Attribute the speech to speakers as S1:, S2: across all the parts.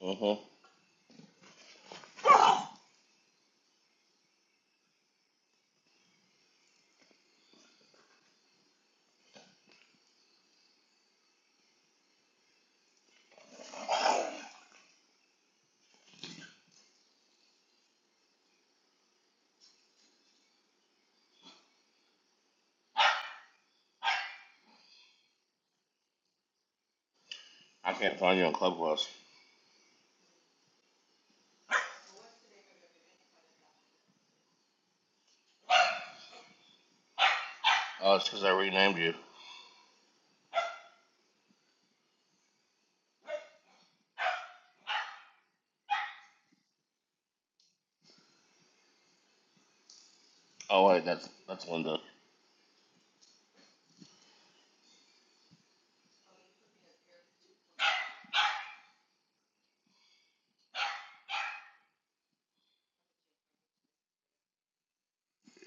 S1: hmm I can't find you on Clubhouse. Oh, it's because I renamed you. Oh wait, that's that's Linda.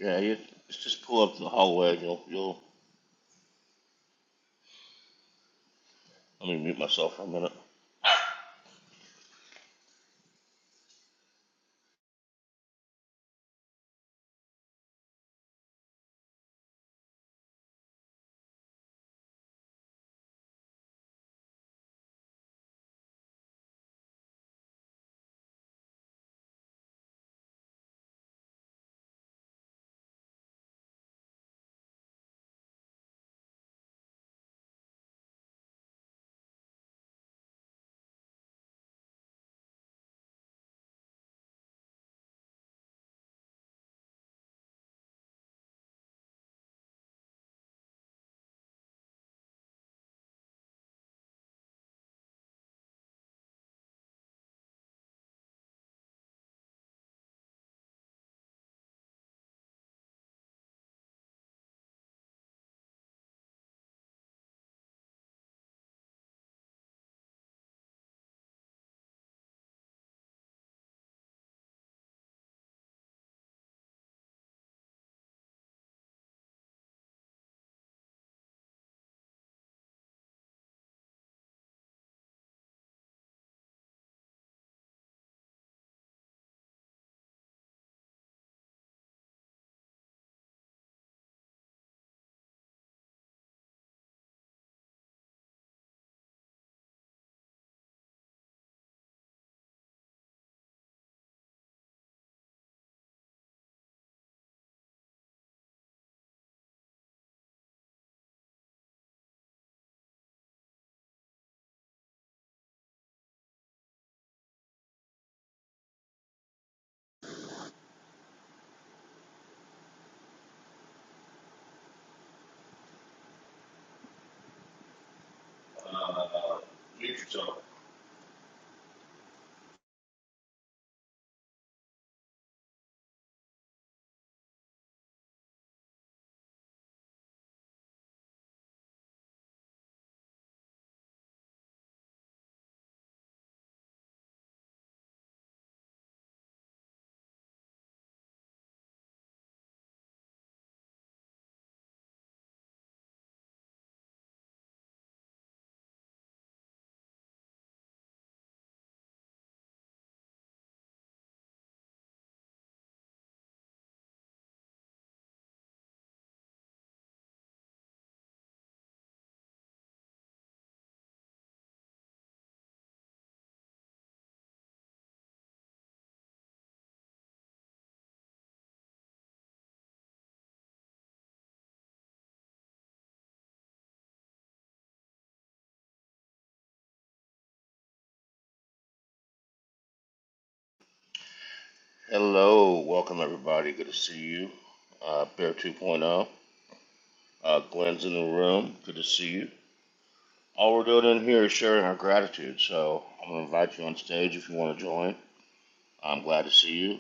S1: Yeah, you just just pull up to the hallway. And you'll you'll. Let me mute myself for a minute. Hello, welcome everybody. Good to see you. Uh, Bear 2.0. Uh, Glenn's in the room. Good to see you. All we're doing in here is sharing our gratitude. So I'm gonna invite you on stage if you want to join. I'm glad to see you.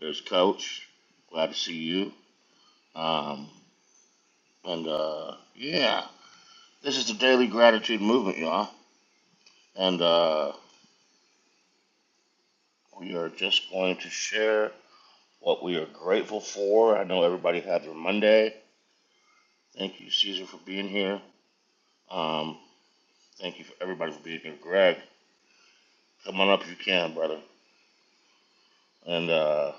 S1: There's Coach. Glad to see you. Um, and uh, yeah, this is the daily gratitude movement, y'all And uh, we are just going to share what we are grateful for. I know everybody had their Monday. Thank you, Caesar, for being here. Um, thank you for everybody for being here. Greg, come on up if you can, brother. And uh,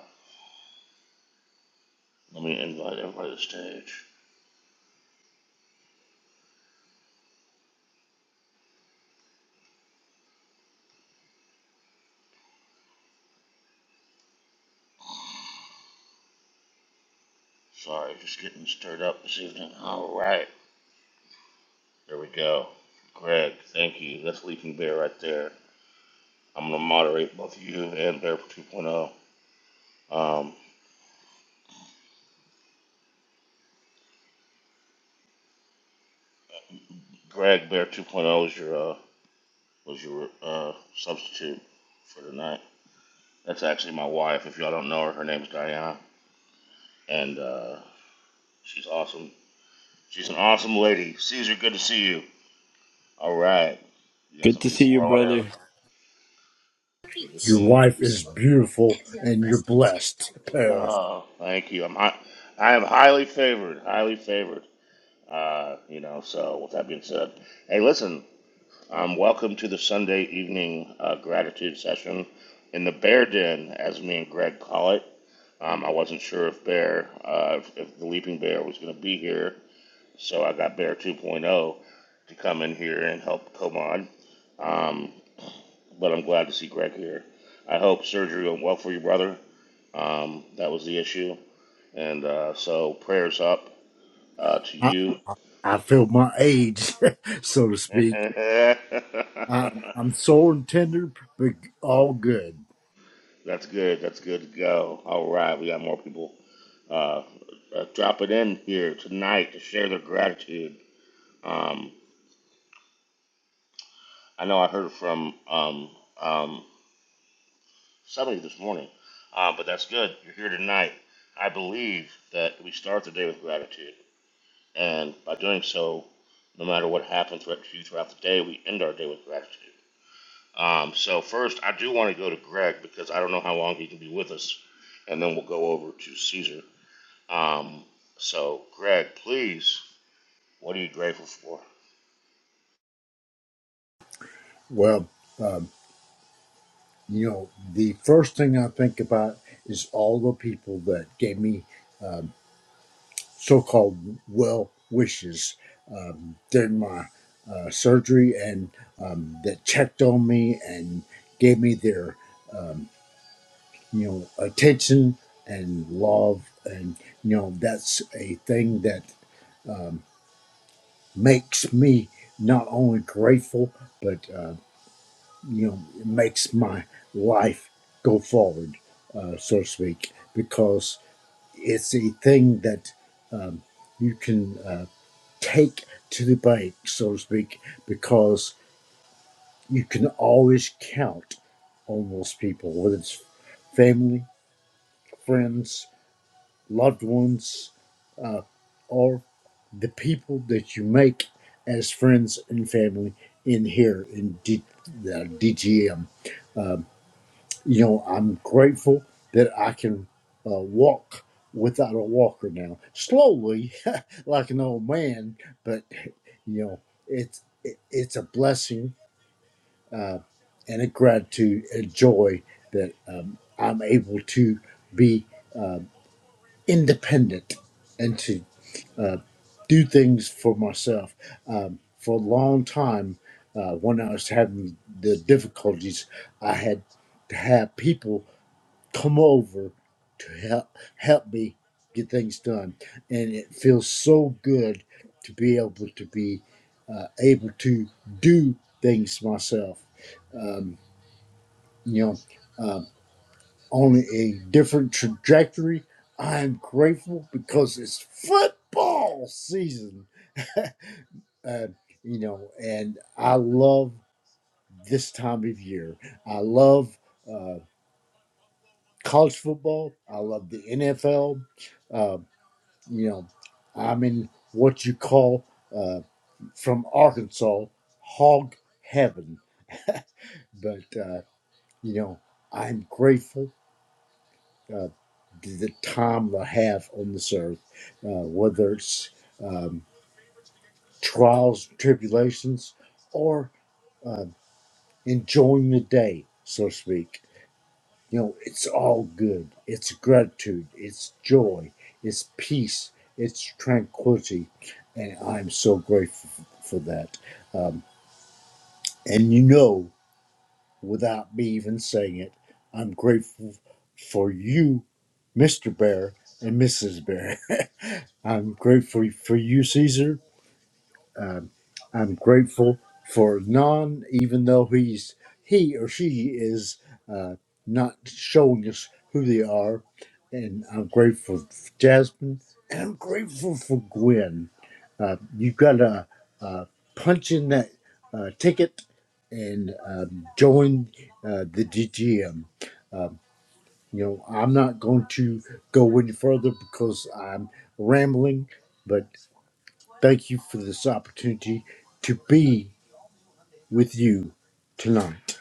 S1: let me invite everybody to the stage. Sorry, just getting stirred up this evening. All right, there we go. Greg, thank you. That's Leaping Bear right there. I'm gonna moderate both you and Bear 2.0. Um, Greg, Bear 2.0 is your uh, was your uh, substitute for tonight. That's actually my wife. If y'all don't know her, her name's Diana, and uh, she's awesome. She's an awesome lady. Caesar, good to see you. All right, you got
S2: Good
S1: some
S2: to
S1: people
S2: see you,
S1: rolling
S2: brother.
S1: in. Good to
S3: Your
S1: see you.
S3: wife is beautiful and you're blessed. Uh,
S1: Oh, thank you. I'm hi- I am highly favored. Highly favored. Uh, you know. So with that being said, hey, listen. Um, welcome to the Sunday evening uh, gratitude session in the Bear Den, as me and Greg call it. Um, I wasn't sure if Bear, uh, if, if the Leaping Bear was going to be here, so I got Bear 2.0 to come in here and help Komon. Um, but I'm glad to see Greg here. I hope surgery went well for your brother. Um, that was the issue. And uh, so prayers up uh, to
S3: I,
S1: you.
S3: I feel my age, so to speak.
S1: that's
S3: I'm, I'm sore and tender, but all good.
S1: good. That's good to go. All right, we got more people uh, uh, dropping in here tonight to share their gratitude. Um, I know I heard from um, um, somebody this morning, uh, but that's good. You're here tonight. I believe that we start the day with gratitude, and by doing so, no matter what happens throughout, throughout the day, we end our day with gratitude. Um, so first, I do want to go to Greg because I don't know how long he can be with us, and then we'll go over to Caesar. Um, so, Greg, please, what are you grateful for?
S3: Well, you know, the first thing I think about is all the people that gave me um, so called well wishes um, during my uh, surgery and um, that checked on me and gave me their. um, you know attention and love and you know that's a thing that um, makes me not only grateful but uh, you know it makes my life go forward uh, so to speak because it's a thing that um, you can uh, take to the bank so to speak because you can always count on those people whether it's family friends loved ones, uh, or the people that you make as friends and family in here in D- the DGM. Uh, you know, I'm grateful that I can uh, walk without a walker now, slowly, like an old man, but you know, it's it, it's a blessing uh, and a gratitude, a joy that um, I'm able to be um, independent and to uh, do things for myself. Um, for a long time, uh, when I was having the difficulties, I had to have people come over to help help me get things done, and it feels so good to be able to be uh, able to do things myself. Um, you know, um, on a different trajectory. I'm grateful because it's football season. uh, you know, and I love this time of year. I love uh, college football. I love the NFL. Uh, you know, I'm in what you call uh, from Arkansas hog heaven, but uh, you know, I'm grateful. Uh, to the time I have on this earth, uh, whether it's um, trials, tribulations, or uh, enjoying the day, so to speak You know, it's all good. It's gratitude. It's joy. It's peace. It's tranquility. And I'm so grateful for that. Um, and you know, without me even saying it, I'm grateful for you, Mr. Bear and Mrs. Bear. I'm grateful for you, Caesar. Um, I'm grateful for Nan, even though he's he or she is uh, not showing us who they are. And I'm grateful for Jasmine, and I'm grateful for Gwen. Uh, you got to uh, punch in that uh, ticket and uh, join uh, the DGM. You know, I'm not going to go any further because I'm rambling, but thank you for this opportunity to be with you tonight.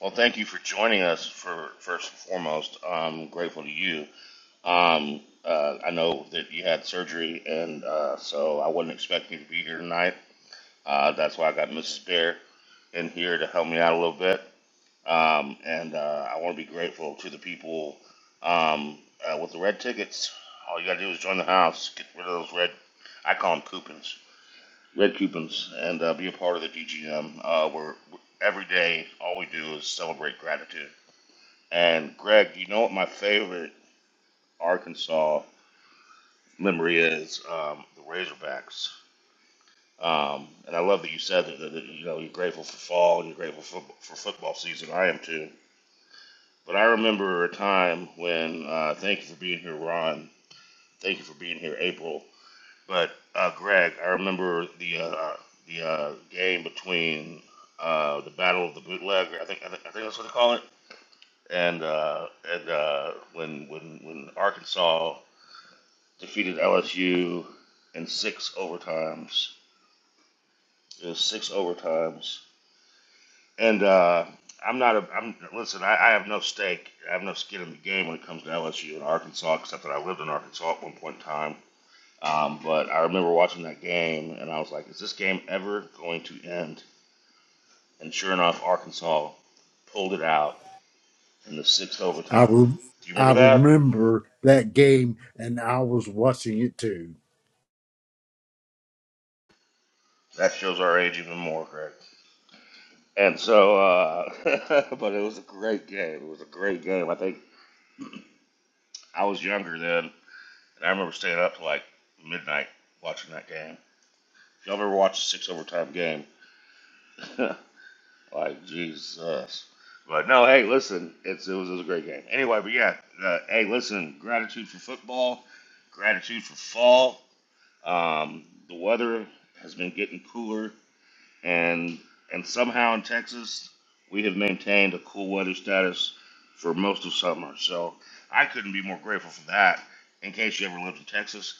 S1: Well, thank you for joining us. For first and foremost, I'm grateful to you Um, uh, I know that you had surgery, and uh, so I wasn't expecting you to be here tonight. Uh, that's why I got Mrs. Bear in here to help me out a little bit. Um, and uh, I want to be grateful to the people um, uh, with the red tickets. All you got to do is join the house, get rid of those red, I call them coupons, red coupons, and uh, be a part of the DGM. Uh, where every day, all we do is celebrate gratitude. And Greg, you know what my favorite Arkansas memory is um, the Razorbacks. Um, and I love that you said that, that, that, you know you're grateful for fall and you're grateful for, for football season. I am too. But I remember a time when uh, thank you for being here, Ron. Thank you for being here, April. But uh, Greg, I remember the uh, the uh, game between uh, the Battle of the Bootleg. I think I think, I think that's what they call it. And uh, and uh, when when when Arkansas defeated LSU in six overtimes It six overtimes, and uh, I'm not a. I'm listen. I, I have no stake. I have no skin in the game when it comes to LSU and Arkansas, except that I lived in Arkansas at one point in time. Um, but I remember watching that game, and I was like, "Is this game ever going to end?" And sure enough, Arkansas pulled it out in the sixth
S3: I
S1: overtime.
S3: re-
S1: Do you
S3: I
S1: remember that?
S3: remember that game and I was watching it too.
S1: That shows our age even more, Greg. And so, uh, but it was a great game. It was a great game. I think I was younger then, And I remember staying up till like midnight watching that game. Y'all ever watch a six overtime game? like Jesus. But no, hey, listen, it's it was, it was a great game. Anyway, but yeah, uh, hey, listen, gratitude for football, gratitude for fall. Um, the weather has been getting cooler and and somehow in Texas we have maintained a cool weather status for most of summer. So I couldn't be more grateful for that. In case you ever lived in Texas,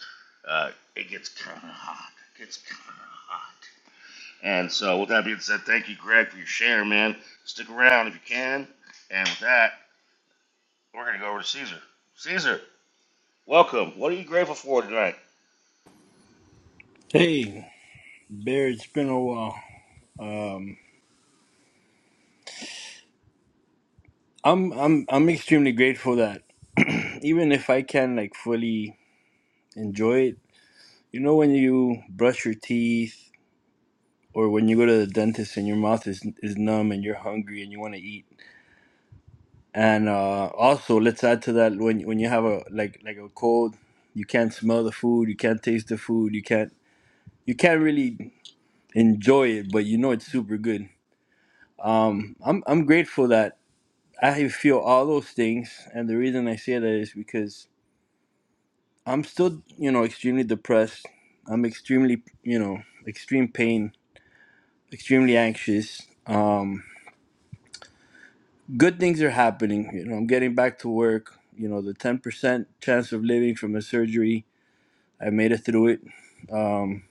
S1: uh, it gets kind of hot. It gets kind of hot. And so with that being said, thank you, Greg, for your share, man. Stick around if you can. And with that, we're gonna go over to Caesar. Caesar, welcome. What are you grateful for tonight?
S2: Hey, Bear, it's been a while. Um, I'm I'm I'm extremely grateful that even if I can like fully enjoy it, you know when you brush your teeth or when you go to the dentist and your mouth is is numb and you're hungry and you want to eat. And uh, also, let's add to that when when you have a like like a cold, you can't smell the food, you can't taste the food, you can't you can't really enjoy it, but you know it's super good. Um, I'm I'm grateful that I feel all those things, and the reason I say that is because I'm still, you know, extremely depressed. I'm extremely, you know, extreme pain, extremely anxious. Um, good things are happening. You know, I'm getting back to work. You know, the 10% chance of living from a surgery, I made it through it. Um,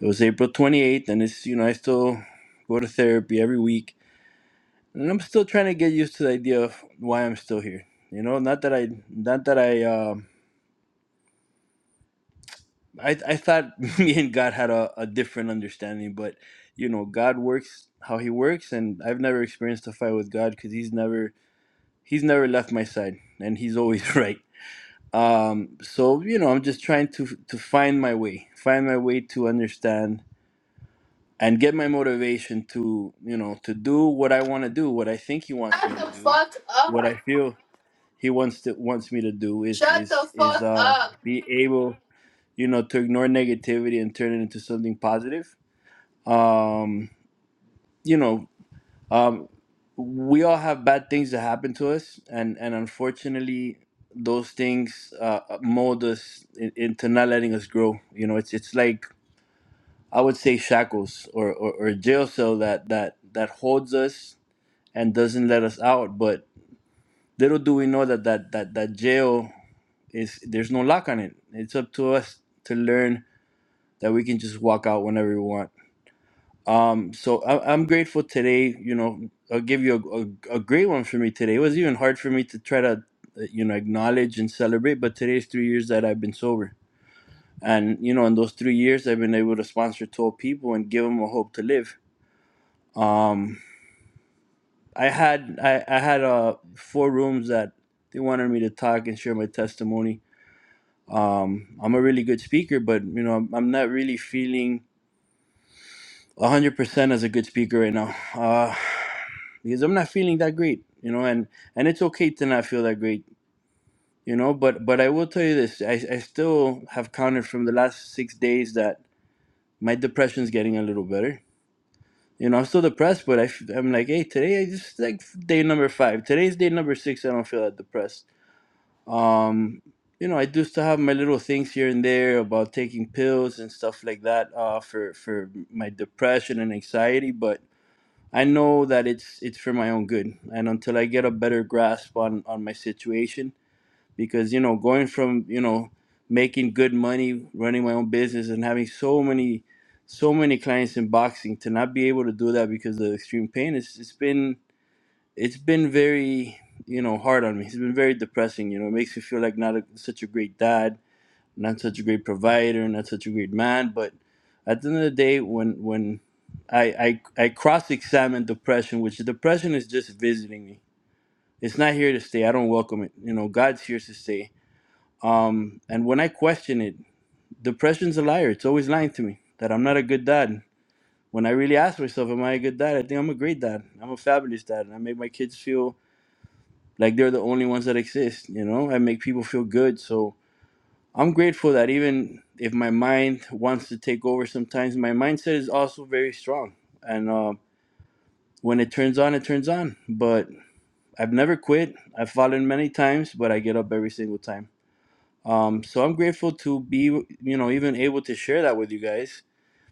S2: it was April 28th, and it's, you know, I still go to therapy every week, and I'm still trying to get used to the idea of why I'm still here. You know, not that I, not that I. Um, I I thought me and God had a, a different understanding, but you know, God works how He works, and I've never experienced a fight with God because He's never He's never left my side, and He's always right. Um, so you know, I'm just trying to to find my way, find my way to understand and get my motivation to you know to do what I want to do, what I think He wants
S4: Shut
S2: me to
S4: the
S2: do,
S4: fuck up.
S2: what I feel He wants to wants me to do is
S4: Shut the
S2: is is
S4: fuck
S2: uh
S4: up.
S2: be able you know, to ignore negativity and turn it into something positive. Um, you know, um, we all have bad things that happen to us, and and unfortunately, those things uh, mold us in, into not letting us grow. You know, it's it's like I would say shackles or, or, or a jail cell that that that holds us and doesn't let us out. But little do we know that that that that jail is there's no lock on it. It's up to us to learn that we can just walk out whenever we want Um, so I, I'm grateful today. You know, I'll give you a, a, a great one for me today. It was even hard for me to try to, uh, you know, acknowledge and celebrate. But today's three years that I've been sober, and you know, in those three years, I've been able to sponsor 12 people and give them a hope to live. Um, I had I, I had uh four rooms that they wanted me to talk and share my testimony. Um, I'm a really good speaker, but you know, I'm, I'm not really feeling 100% as a good speaker right now. Uh, because I'm not feeling that great, you know, and and it's okay to not feel that great, you know. But but I will tell you this: I I still have counted from the last six days that my depression's getting a little better. You know, I'm still depressed, but I f- I'm like, hey, today I just like day number five. Today's day number six. I don't feel that depressed. Um, you know, I do still have my little things here and there about taking pills and stuff like that uh, for for my depression and anxiety, but I know that it's it's for my own good, and until I get a better grasp on on my situation, because you know, going from you know making good money, running my own business, and having so many so many clients in boxing to not be able to do that because of extreme pain, it's it's been it's been very you know hard on me. It's been very depressing. You know, it makes me feel like not a, such a great dad not such a great provider, not such a great man. But at the end of the day, when when I I, I cross examine depression, which depression is just visiting me. It's not here to stay. I don't welcome it. You know, God's here to stay. Um, and when I question it, depression's a liar. It's always lying to me that I'm not a good dad. When I really ask myself, am I a good dad? I think I'm a great dad. I'm a fabulous dad, and I make my kids feel like they're the only ones that exist. You know, I make people feel good. So I'm grateful that even if my mind wants to take over sometimes, my mindset is also very strong. And uh, when it turns on, it turns on. But I've never quit. I've fallen many times, but I get up every single time. Um, so I'm grateful to be, you know, even able to share that with you guys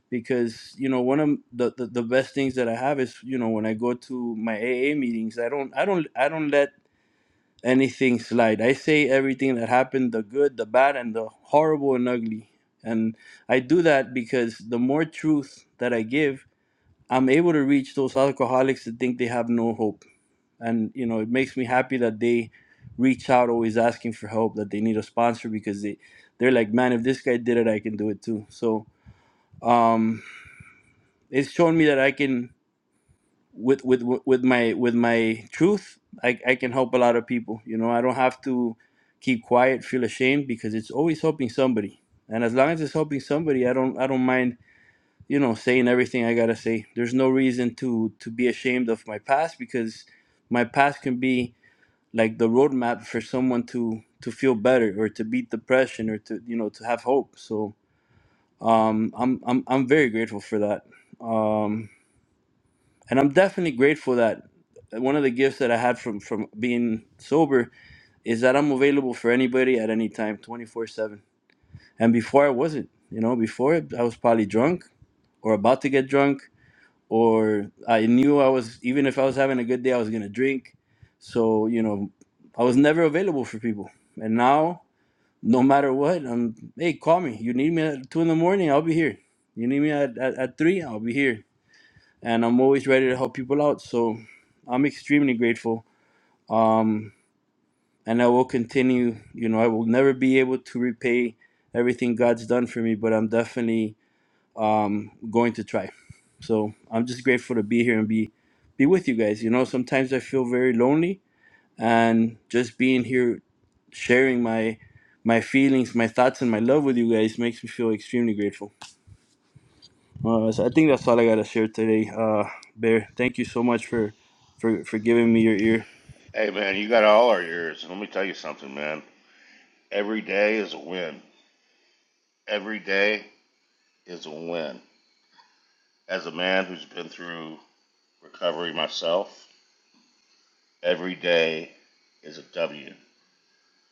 S2: because you know one of the, the the best things that I have is you know when I go to my AA meetings I don't I don't I don't let anything slide. I say everything that happened the good, the bad, and the horrible and ugly. And I do that because the more truth that I give, I'm able to reach those alcoholics that think they have no hope. And, you know, it makes me happy that they reach out always asking for help, that they need a sponsor because they, they're like, man, if this guy did it, I can do it too. So um, it's shown me that I can with with with my with my truth I, I can help a lot of people you know i don't have to keep quiet feel ashamed because it's always helping somebody and as long as it's helping somebody i don't i don't mind you know saying everything i gotta say there's no reason to to be ashamed of my past because my past can be like the roadmap for someone to to feel better or to beat depression or to you know to have hope so um i'm i'm, I'm very grateful for that Um, and I'm definitely grateful that one of the gifts that I had from from being sober is that I'm available for anybody at any time, 24 seven. And before I wasn't, you know, before I was probably drunk or about to get drunk, or I knew I was even if I was having a good day, I was gonna drink. So you know, I was never available for people, and now no matter what, I'm hey, call me. You need me at two in the morning, I'll be here. You need me at, at, at three, I'll be here and I'm always ready to help people out. So I'm extremely grateful. Um, and I will continue. You know, I will never be able to repay everything God's done for me, but I'm definitely um, going to try. So I'm just grateful to be here and be be with you guys. You know, sometimes I feel very lonely, and just being here, sharing my my feelings, my thoughts, and my love with you guys makes me feel extremely grateful. Uh, so I think that's all I gotta share today. Uh, Bear, thank you so much for for for giving me your ear.
S1: Hey, man, you got all our ears. Let me tell you something, man. Every day is a win. Every day is a win. As a man who's been through recovery myself, every day is a W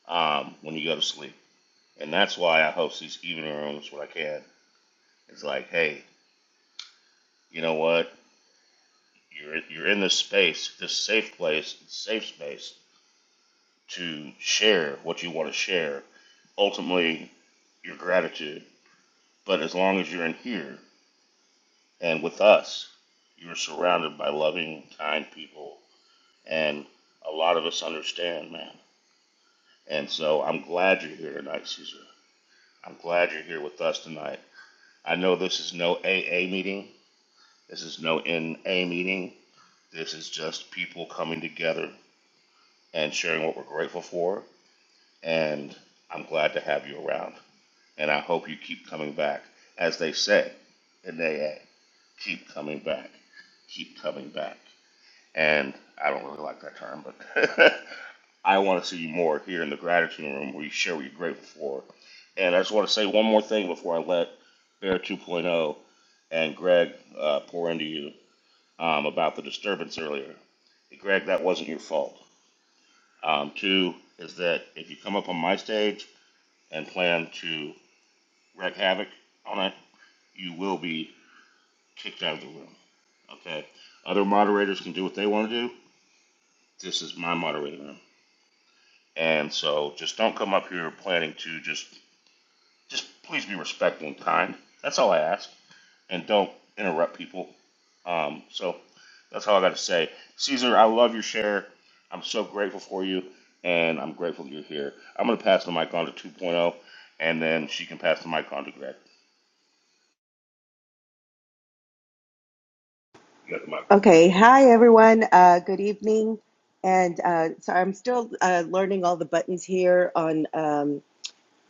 S1: um, when you go to sleep. And that's why I host these evening rooms when I can. It's like, hey, you know what? You're, you're in this space, this safe place, safe space to share what you want to share. Ultimately, your gratitude. But as long as you're in here and with us, you're surrounded by loving, kind people. And a lot of us understand, man. And so I'm glad you're here tonight, Caesar. I'm glad you're here with us tonight. I know this is no AA meeting. This is no NA meeting. This is just people coming together and sharing what we're grateful for. And I'm glad to have you around. And I hope you keep coming back. As they say in AA, keep coming back. Keep coming back. And I don't really like that term, but I want to see you more here in the gratitude room where you share what you're grateful for. And I just want to say one more thing before I let Bear 2.0 and Greg uh, pour into you um, about the disturbance earlier. Greg, that wasn't your fault. Um, two is that if you come up on my stage and plan to wreak havoc on it, you will be kicked out of the room. Okay? Other moderators can do what they want to do. This is my moderator. And so just don't come up here planning to just just please be respectful and kind. That's all I ask. And don't interrupt people. Um, so that's all I got to say. Caesar, I love your share. I'm so grateful for you, and I'm grateful you're here. I'm going to pass the mic on to 2.0, and then she can pass the mic on to Greg.
S5: Okay. Hi, everyone. Uh, good evening. And uh, so I'm still uh, learning all the buttons here on um,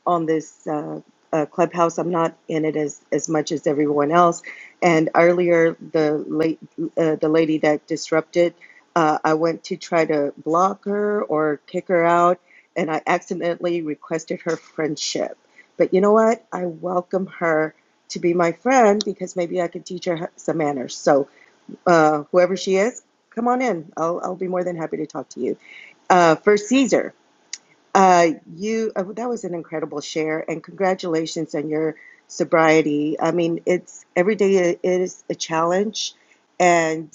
S5: on this uh, uh, clubhouse. I'm not in it as, as much as everyone else. And earlier, the late uh, the lady that disrupted, uh, I went to try to block her or kick her out, and I accidentally requested her friendship. But you know what? I welcome her to be my friend because maybe I could teach her some manners. So uh, whoever she is, come on in. I'll, I'll be more than happy to talk to you. Uh, for Caesar, uh, you uh, that was an incredible share, and congratulations on your sobriety. I mean, it's every day is a challenge, and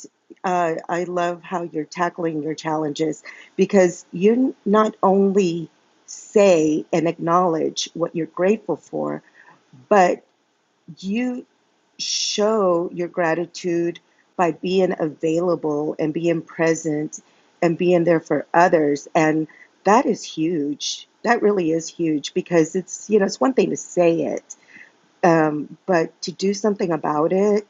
S5: uh, I love how you're tackling your challenges because you not only say and acknowledge what you're grateful for, but you show your gratitude by being available and being present and being there for others and that is huge that really is huge because it's you know it's one thing to say it um, but to do something about it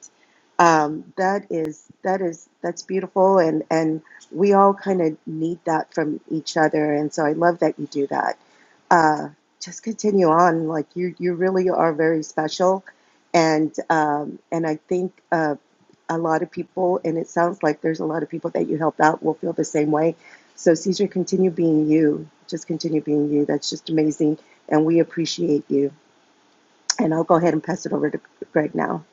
S5: um, that is that is that's beautiful and and we all kind of need that from each other and so i love that you do that uh, just continue on like you you really are very special and um, and i think uh, a lot of people and it sounds like there's a lot of people that you helped out will feel the same way so caesar continue being you just continue being you that's just amazing and we appreciate you and I'll go ahead and pass it over to Greg now.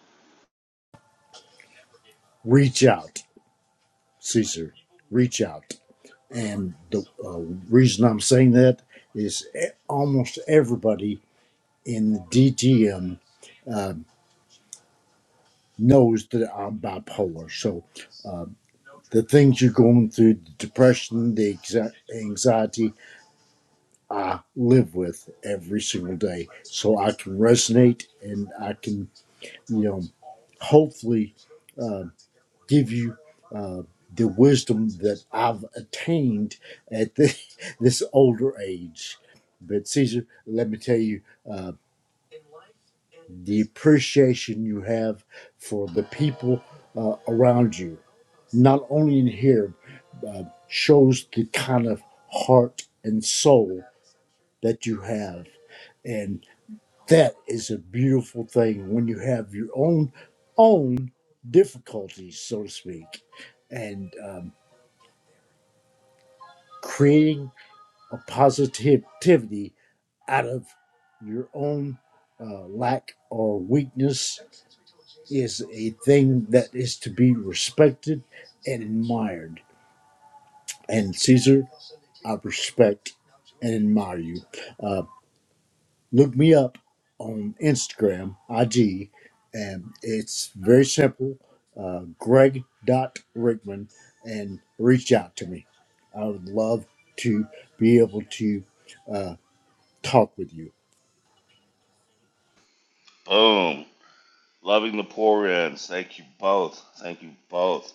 S3: Reach out, Caesar. Reach out. And the uh, reason I'm saying that is e- almost everybody in the DTM uh, knows that I'm bipolar. So uh, the things you're going through, the depression, the exa- anxiety, I live with every single day. So I can resonate and I can you know, hopefully uh, give you uh, the wisdom that I've attained at the, this older age. But Caesar, let me tell you, uh, the appreciation you have for the people uh, around you, not only in here, uh, shows the kind of heart and soul that you have. and. That is a beautiful thing when you have your own own difficulties, so to speak, and um, creating a positivity out of your own uh, lack or weakness is a thing that is to be respected and admired. And Caesar, I respect and admire you. Uh, Look me up on Instagram, IG, and it's very simple uh, greg.rickman and reach out to me. I would love to be able to uh, talk with you.
S1: Boom. Loving the poor ends. Thank you both. Thank you both.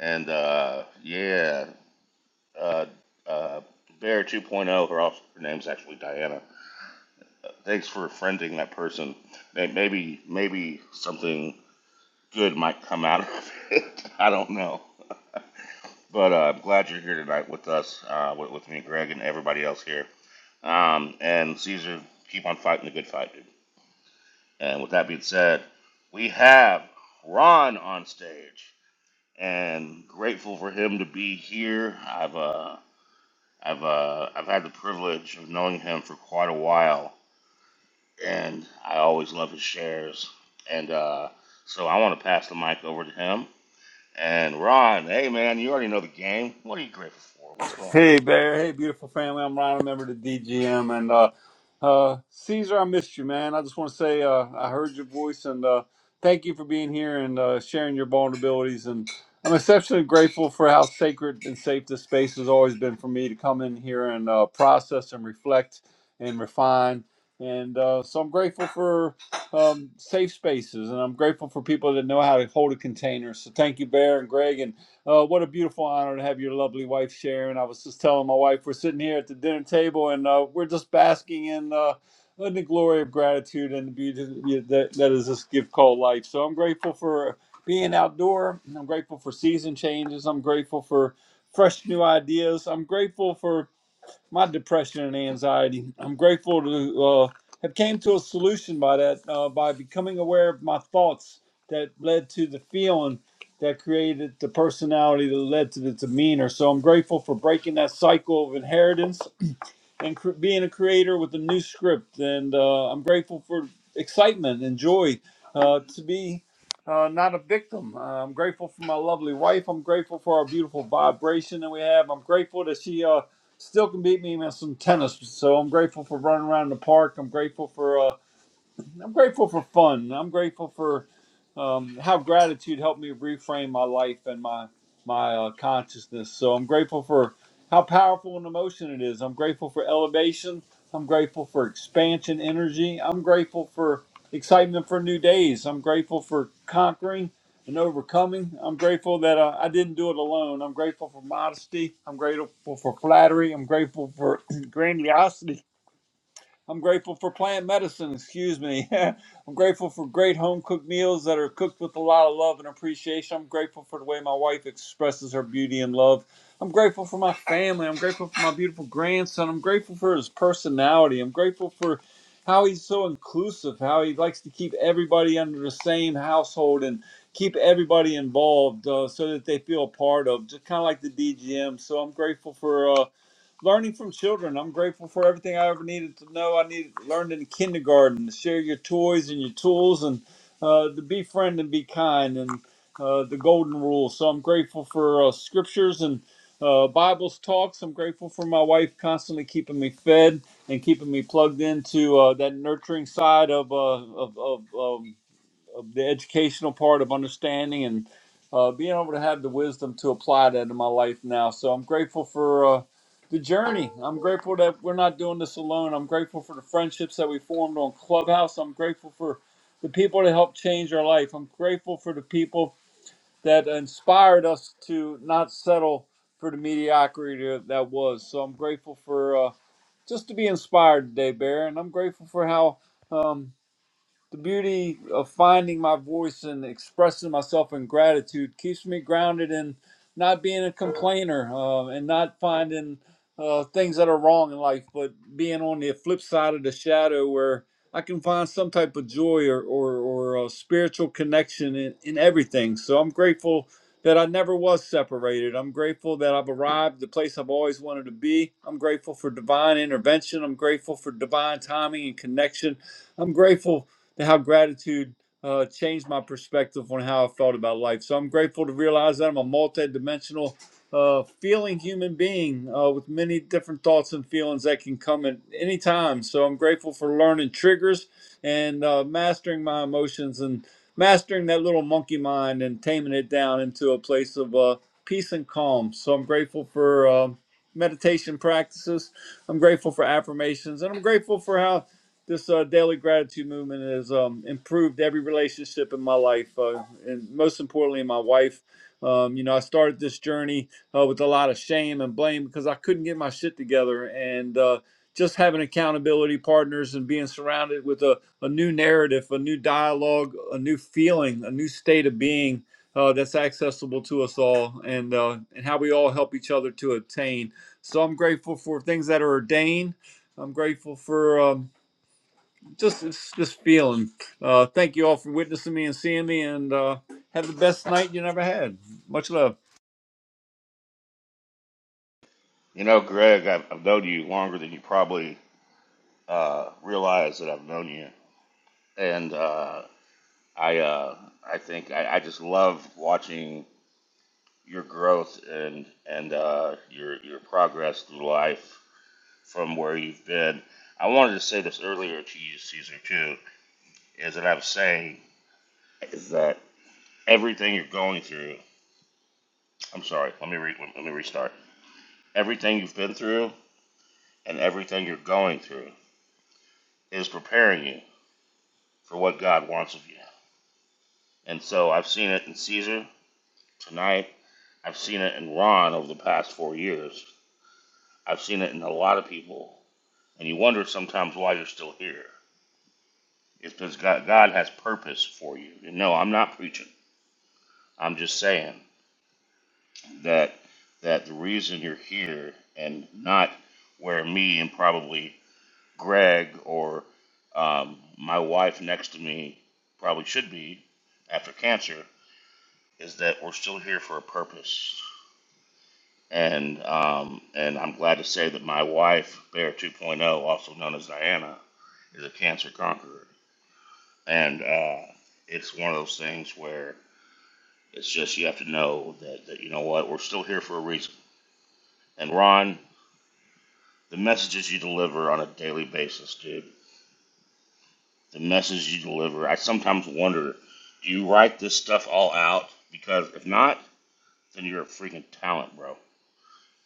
S1: And uh, yeah, uh, uh, Bear 2.0, her, also, her name's actually Diana Thanks for friending that person. May- Maybe maybe something good might come out of it. I don't know. But uh, I'm glad you're here tonight with us, uh, with, with me, Greg, and everybody else here. Um, and Caesar, keep on fighting the good fight, dude. And with that being said, we have Ron on stage, and grateful for him to be here. I've uh, I've uh, I've had the privilege of knowing him for quite a while, and I always love his shares. And uh, so I want to pass the mic over to him. And Ron, hey man, you already know the game. What are you grateful for? What's going on?
S6: Hey, Bear. Hey, beautiful family. I'm Ron, a member of the DGM. And uh, uh, Caesar, I missed you, man. I just want to say uh, I heard your voice and uh, thank you for being here and uh, sharing your vulnerabilities. And I'm exceptionally grateful for how sacred and safe this space has always been for me to come in here and uh, process and reflect and refine. And uh, so I'm grateful for um, safe spaces and I'm grateful for people that know how to hold a container. So thank you, Bear and Greg. And uh, what a beautiful honor to have your lovely wife, Sharon. I was just telling my wife, we're sitting here at the dinner table and uh, we're just basking in, uh, in the glory of gratitude and the beauty that, yeah, that is this gift called life. So I'm grateful for being outdoor. I'm grateful for season changes. I'm grateful for fresh new ideas. I'm grateful for my depression and anxiety. I'm grateful to uh, have came to a solution by that uh, by becoming aware of my thoughts that led to the feeling that created the personality that led to the demeanor. So I'm grateful for breaking that cycle of inheritance and cr- being a creator with a new script. And uh, I'm grateful for excitement and joy uh, to be uh, not a victim. Uh, I'm grateful for my lovely wife. I'm grateful for our beautiful vibration that we have. I'm grateful that she uh, still can beat me in some tennis. So I'm grateful for running around the park. I'm grateful for. Uh, I'm grateful for fun. I'm grateful for um, how gratitude helped me reframe my life and my my uh, consciousness. So I'm grateful for how powerful an emotion it is. I'm grateful for elevation. I'm grateful for expansion energy. I'm grateful for excitement for new days. I'm grateful for conquering and overcoming. I'm grateful that uh, I didn't do it alone. I'm grateful for modesty. I'm grateful for flattery. I'm grateful for grandiosity. I'm grateful for plant medicine, excuse me. I'm grateful for great home cooked meals that are cooked with a lot of love and appreciation. I'm grateful for the way my wife expresses her beauty and love. I'm grateful for my family. I'm grateful for my beautiful grandson. I'm grateful for his personality. I'm grateful for how he's so inclusive, how he likes to keep everybody under the same household and keep everybody involved uh, so that they feel a part of, just kind of like the DGM. So I'm grateful for. Uh, learning from children. I'm grateful for everything I ever needed to know. I needed learned in kindergarten to share your toys and your tools and uh, to be friend and be kind and uh, the golden rule. So I'm grateful for uh, scriptures and uh, Bibles talks. I'm grateful for my wife constantly keeping me fed and keeping me plugged into uh, that nurturing side of, uh, of, of, of the educational part of understanding and uh, being able to have the wisdom to apply that in my life now. So I'm grateful for uh, the journey. I'm grateful that we're not doing this alone. I'm grateful for the friendships that we formed on Clubhouse. I'm grateful for the people that helped change our life. I'm grateful for the people that inspired us to not settle for the mediocrity that that was. So I'm grateful for uh, just to be inspired today, Bear. And I'm grateful for how. um, the beauty of finding my voice and expressing myself in gratitude keeps me grounded in not being a complainer uh, and not finding uh, things that are wrong in life, but being on the flip side of the shadow where I can find some type of joy or, or, or a spiritual connection in, in everything. So I'm grateful that I never was separated. I'm grateful that I've arrived the place I've always wanted to be. I'm grateful for divine intervention. I'm grateful for divine timing and connection. I'm grateful how gratitude uh, changed my perspective on how I felt about life. So I'm grateful to realize that I'm a multidimensional uh, feeling human being uh, with many different thoughts and feelings that can come at any time. So I'm grateful for learning triggers and uh, mastering my emotions and mastering that little monkey mind and taming it down into a place of uh, peace and calm. So I'm grateful for. Uh, meditation practices i'm grateful for affirmations and i'm grateful for how this uh, daily gratitude movement has um, improved every relationship in my life, uh, and most importantly, my wife. Um, you know, I started this journey uh, with a lot of shame and blame because I couldn't get my shit together, and uh, just having accountability partners and being surrounded with a, a new narrative, a new dialogue, a new feeling, a new state of being uh, that's accessible to us all, and uh, and how we all help each other to obtain. So I'm grateful for things that are ordained. I'm grateful for. Um, just it's just feeling. Uh, thank you all for witnessing me and seeing me, and uh, have the best night you never had. Much love.
S1: You know, Greg, I've, I've known you longer than you probably uh, realize that I've known you, and uh, I uh, I think I, I just love watching your growth and and uh, your your progress through life from where you've been. I wanted to say this earlier to you, Caesar, too, is that I was saying is that everything you're going through. I'm sorry. Let me re, let me restart. Everything you've been through and everything you're going through is preparing you for what God wants of you. And so I've seen it in Caesar tonight. I've seen it in Ron over the past four years. I've seen it in a lot of people. And you wonder sometimes why you're still here. It's because God, God has purpose for you. And no, I'm not preaching. I'm just saying that that the reason you're here and not where me and probably Greg or um, my wife next to me probably should be after cancer is that we're still here for a purpose. And um, and I'm glad to say that my wife, Bear 2.0, also known as Diana, is a cancer conqueror. And uh, it's one of those things where it's just you have to know that, that you know what we're still here for a reason. And Ron, the messages you deliver on a daily basis, dude, the message you deliver. I sometimes wonder, do you write this stuff all out? Because if not, then you're a freaking talent, bro.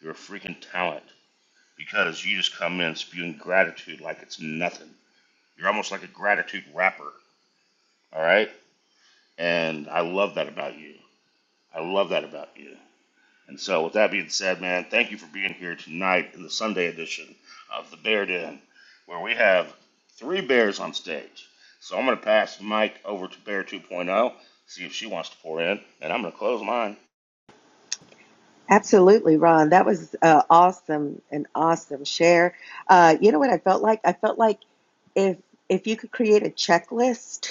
S1: You're a freaking talent because you just come in spewing gratitude like it's nothing. You're almost like a gratitude rapper, all right? And I love that about you. I love that about you. And so, with that being said, man, thank you for being here tonight in the Sunday edition of the Bear Den, where we have three bears on stage. So I'm going to pass the mic over to Bear 2.0, see if she wants to pour in, and I'm going to close mine.
S5: Absolutely, Ron. That was uh, awesome, an awesome share. Uh, you know what I felt like? I felt like if if you could create a checklist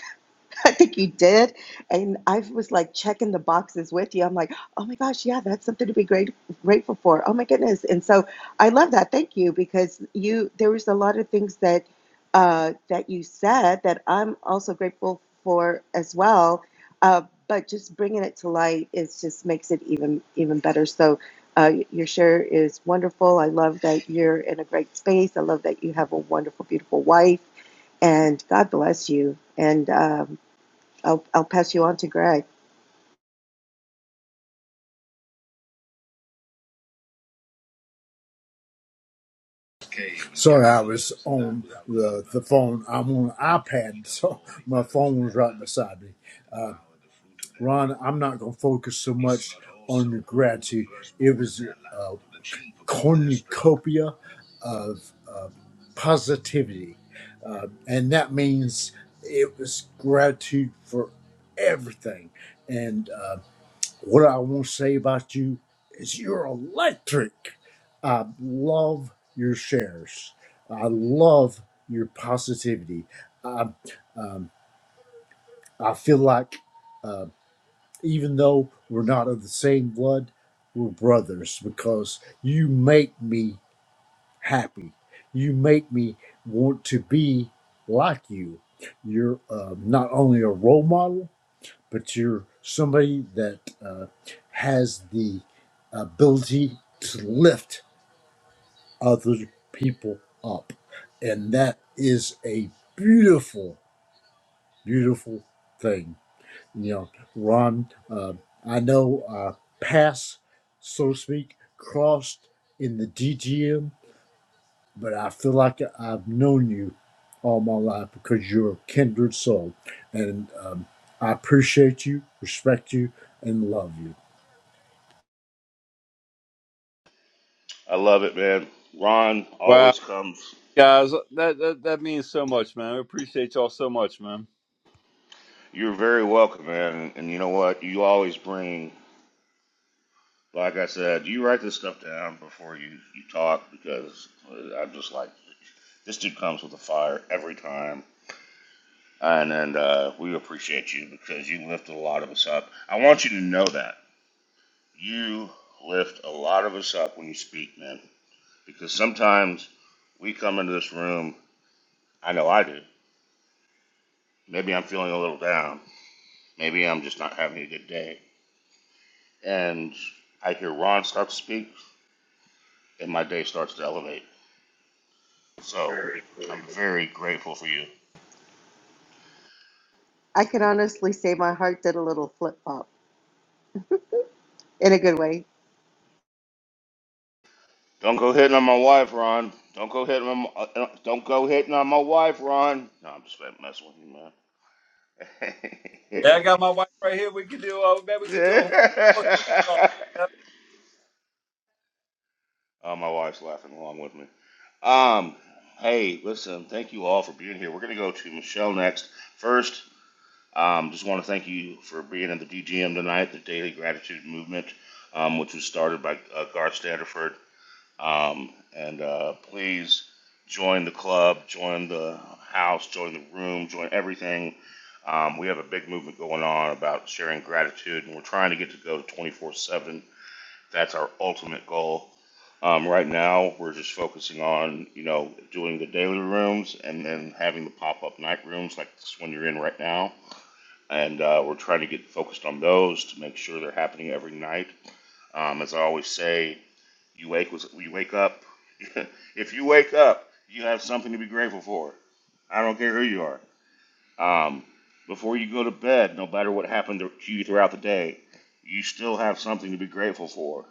S5: I think you did. And I was like checking the boxes with you. I'm like, oh my gosh, yeah, that's something to be great grateful for. Oh my goodness. And so I love that. Thank you because you there was a lot of things that uh, that you said that I'm also grateful for as well. Uh, but just bringing it to light is just makes it even even better. So uh, your share is wonderful. I love that you're in a great space. I love that you have a wonderful, beautiful wife, and God bless you. And um, I'll, I'll pass you on to Greg.
S3: Sorry, I was on the, the phone. I'm on an iPad, so my phone was right beside me. Uh, Ron, I'm not going to focus so much on your gratitude. It was a cornucopia of uh, positivity. Uh, and that means it was gratitude for everything. And uh, what I want to say about you is you're electric. I love your shares, I love your positivity. I, um, I feel like. uh, even though we're not of the same blood, we're brothers because you make me happy. You make me want to be like you. You're uh, not only a role model, but you're somebody that uh, has the ability to lift other people up. And that is a beautiful, beautiful thing. you know, Ron, uh, I know uh, pass, so to speak, crossed in the DGM, but I feel like I've known you all my life because you're a kindred soul. And um, I appreciate you, respect you, and love you.
S1: I love it, man. Ron
S6: Wow,
S1: always comes.
S6: guys, that, that that means so much, man. We appreciate y'all so much, man.
S1: You're very welcome, man. And, and you know what? You always bring, like I said, you write this stuff down before you, you talk because uh, I'm just like, this dude comes with a fire every time and and uh, we appreciate you because you lift a lot of us up. I want you to know that you lift a lot of us up when you speak, man. Because sometimes we come into this room. I know I do. Maybe I'm feeling a little down. Maybe I'm just not having a good day. And I hear Ron start to speak, and my day starts to elevate. So I'm very grateful for you.
S5: I can honestly say my heart did a little flip flop in a good way.
S1: Don't go hitting on my wife, Ron. Don't go hitting on my, uh, don't go hitting on my wife, Ron. No, I'm just messing with you, man.
S6: Yeah, I got my wife right here. We could do. Uh, maybe we could
S1: oh,
S6: do a.
S1: my wife's laughing along with me. Um, hey, listen, thank you all for being here. We're going to go to Michelle next. First, um, just want to thank you for being in the DGM tonight, the Daily Gratitude Movement, um, which was started by uh, Garth Standerford. Um, and uh, please join the club, join the house, join the room, join everything. Um, we have a big movement going on about sharing gratitude, and we're trying to get to go to 24 7. That's our ultimate goal. Um, right now, we're just focusing on you know doing the daily rooms and then having the pop up night rooms like this one you're in right now and uh, we're trying to get focused on those to make sure they're happening every night. Um, as I always say, you wake was you wake up. if you wake up, you have something to be grateful for. I don't care who you are. Um, before you go to bed, no matter what happened to you throughout the day, you still have something to be grateful for.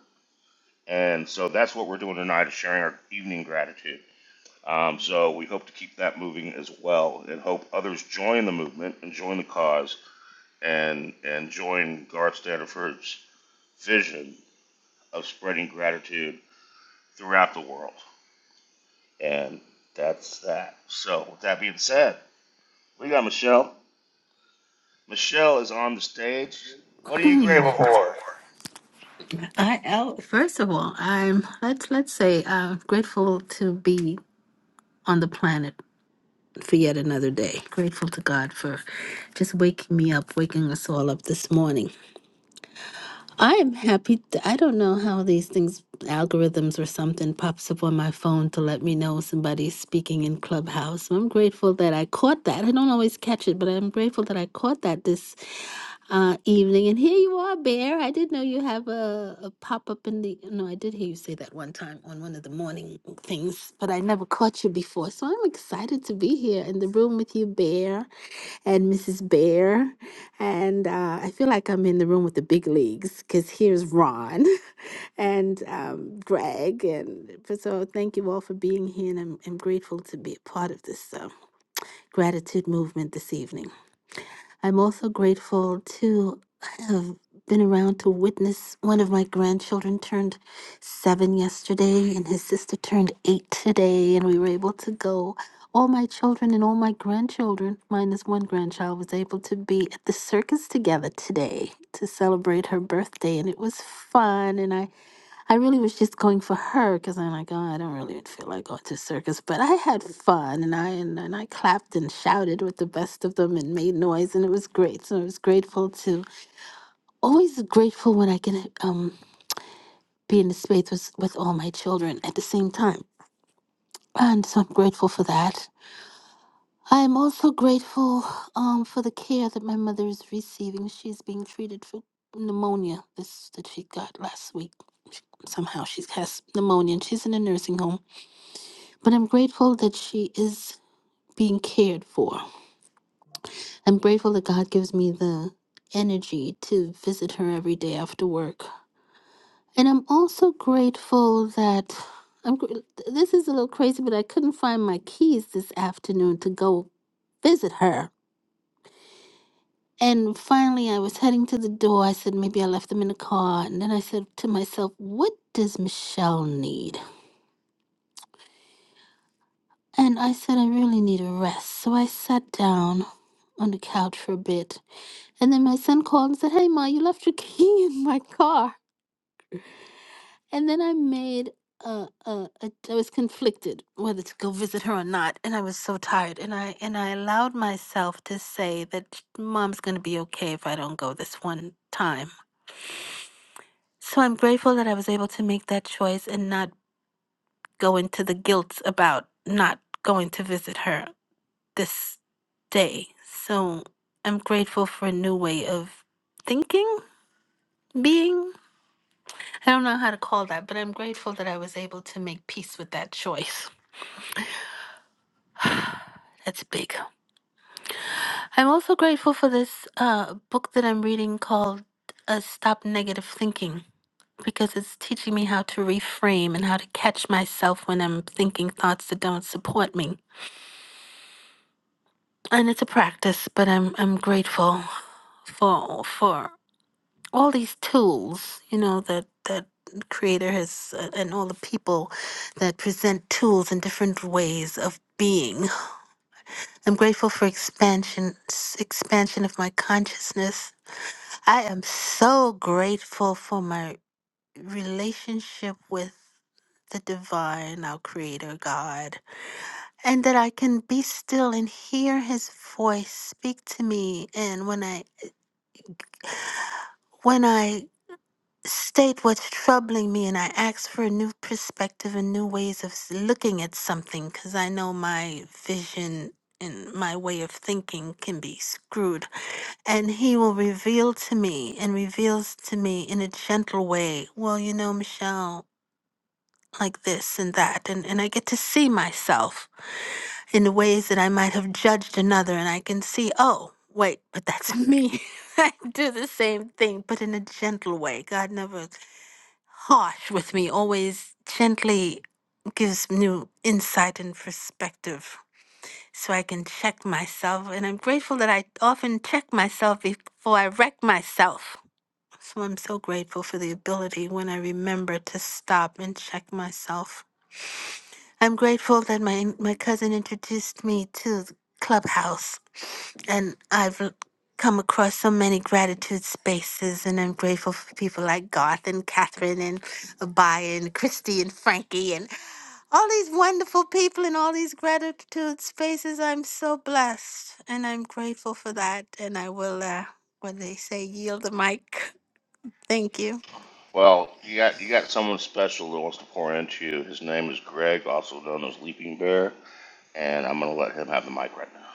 S1: And so that's what we're doing tonight is sharing our evening gratitude. Um, so we hope to keep that moving as well, and hope others join the movement and join the cause and and join Garth Stanford's vision of spreading gratitude throughout the world. And that's that. So, with that being said, we got Michelle. Michelle is on the stage. What are you grateful
S7: I,
S1: for?
S7: I first of all, I'm let's let's say I'm grateful to be on the planet for yet another day. Grateful to God for just waking me up, waking us all up this morning. I am happy. t- I don't know how these things, algorithms or something, pops up on my phone to let me know somebody's speaking in Clubhouse. I'm grateful that I caught that. I don't always catch it, but I'm grateful that I caught that this uh, evening. And here you are, Bear. I did know you have a, a pop up in the. No, I did hear you say that one time on one of the morning things, but I never caught you before. So I'm excited to be here in the room with you, Bear, and Mrs. Bear. And uh, I feel like I'm in the room with the big leagues because here's Ron and um, Greg. And f- so thank you all for being here. And I'm, I'm grateful to be a part of this uh, gratitude movement this evening. I'm also grateful to have been around to witness one of my grandchildren turned seven yesterday, and his sister turned eight today, and we were able to go. All my children and all my grandchildren, minus one grandchild, was able to be at the circus together today to celebrate her birthday, and it was fun. And I I really was just going for her because I'm like, oh, I don't really feel like going to circus, but I had fun and I and, and I clapped and shouted with the best of them and made noise and it was great. So I was grateful to always grateful when I can um be in the space with, with all my children at the same time, and so I'm grateful for that. I'm also grateful um for the care that my mother is receiving. She's being treated for pneumonia this that she got last week. Somehow she has pneumonia and she's in a nursing home But I'm grateful that she is being cared for. I'm grateful that God gives me the energy to visit her every day after work. And I'm also grateful that I'm gr- this is a little crazy, but I couldn't find my keys this afternoon to go visit her. And finally, I was heading to the door. I said, maybe I left them in the car. And then I said to myself, what does Michelle need? And I said, I really need a rest. So I sat down on the couch for a bit And then my son called and said, "Hey, ma, you left your key in my car." And then I made a, a, a I was conflicted whether to go visit her or not, and I was so tired. And I and I allowed myself to say that mom's gonna be okay if I don't go this one time. So I'm grateful that I was able to make that choice and not go into the guilt about not going to visit her this day. So I'm grateful for a new way of thinking, being. I don't know how to call that, but I'm grateful that I was able to make peace with that choice. That's big. I'm also grateful for this uh, book that I'm reading called uh, Stop Negative Thinking because it's teaching me how to reframe and how to catch myself when I'm thinking thoughts that don't support me. And it's a practice, but I'm I'm grateful for for all these tools, you know, that that creator has uh, and all the people that present tools and different ways of being. I'm grateful for expansion s- expansion of my consciousness. I am so grateful for my relationship with the divine, our creator God, and that I can be still and hear his voice speak to me and when I when I state what's troubling me and I ask for a new perspective and new ways of s- looking at something because I know my vision and my way of thinking can be screwed. And he will reveal to me and reveals to me in a gentle way, well, you know, Michelle, like this and that. And, and I get to see myself in the ways that I might have judged another. And I can see, oh, wait, but that's me. I do the same thing, but in a gentle way. God never harsh with me, always gently gives new insight and perspective so I can check myself. And I'm grateful that I often check myself before I wreck myself. So I'm so grateful for the ability when I remember to stop and check myself. I'm grateful that my my cousin introduced me to the Clubhouse, and I've l- come across so many gratitude spaces, and I'm grateful for people like Garth and Catherine and Abaya and Christy and Frankie and all these wonderful people in all these gratitude spaces. I'm so blessed, and I'm grateful for that. And I will, uh, when they say, yield the mic. Thank you.
S1: Well, you got you got someone special that wants to pour into you. His name is Greg, also known as Leaping Bear, and I'm gonna let him have the mic right now.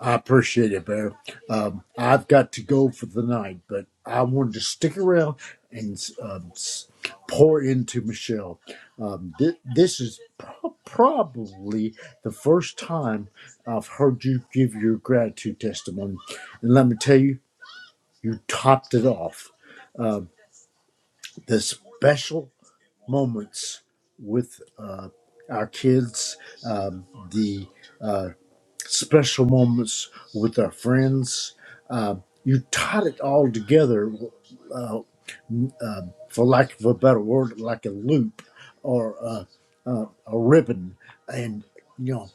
S3: I appreciate it, Bear. Um, I've got to go for the night, but I wanted to stick around and um, s- pour into Michelle. Um, th- this is pro- probably the first time I've heard you give your gratitude testimony. And let me tell you, you topped it off. Um, the special moments with uh, our kids, um, the uh, special moments with our friends. Uh, you tied it all together, uh, uh, for lack of a better word, like a loop or a, uh, a ribbon. And, you know,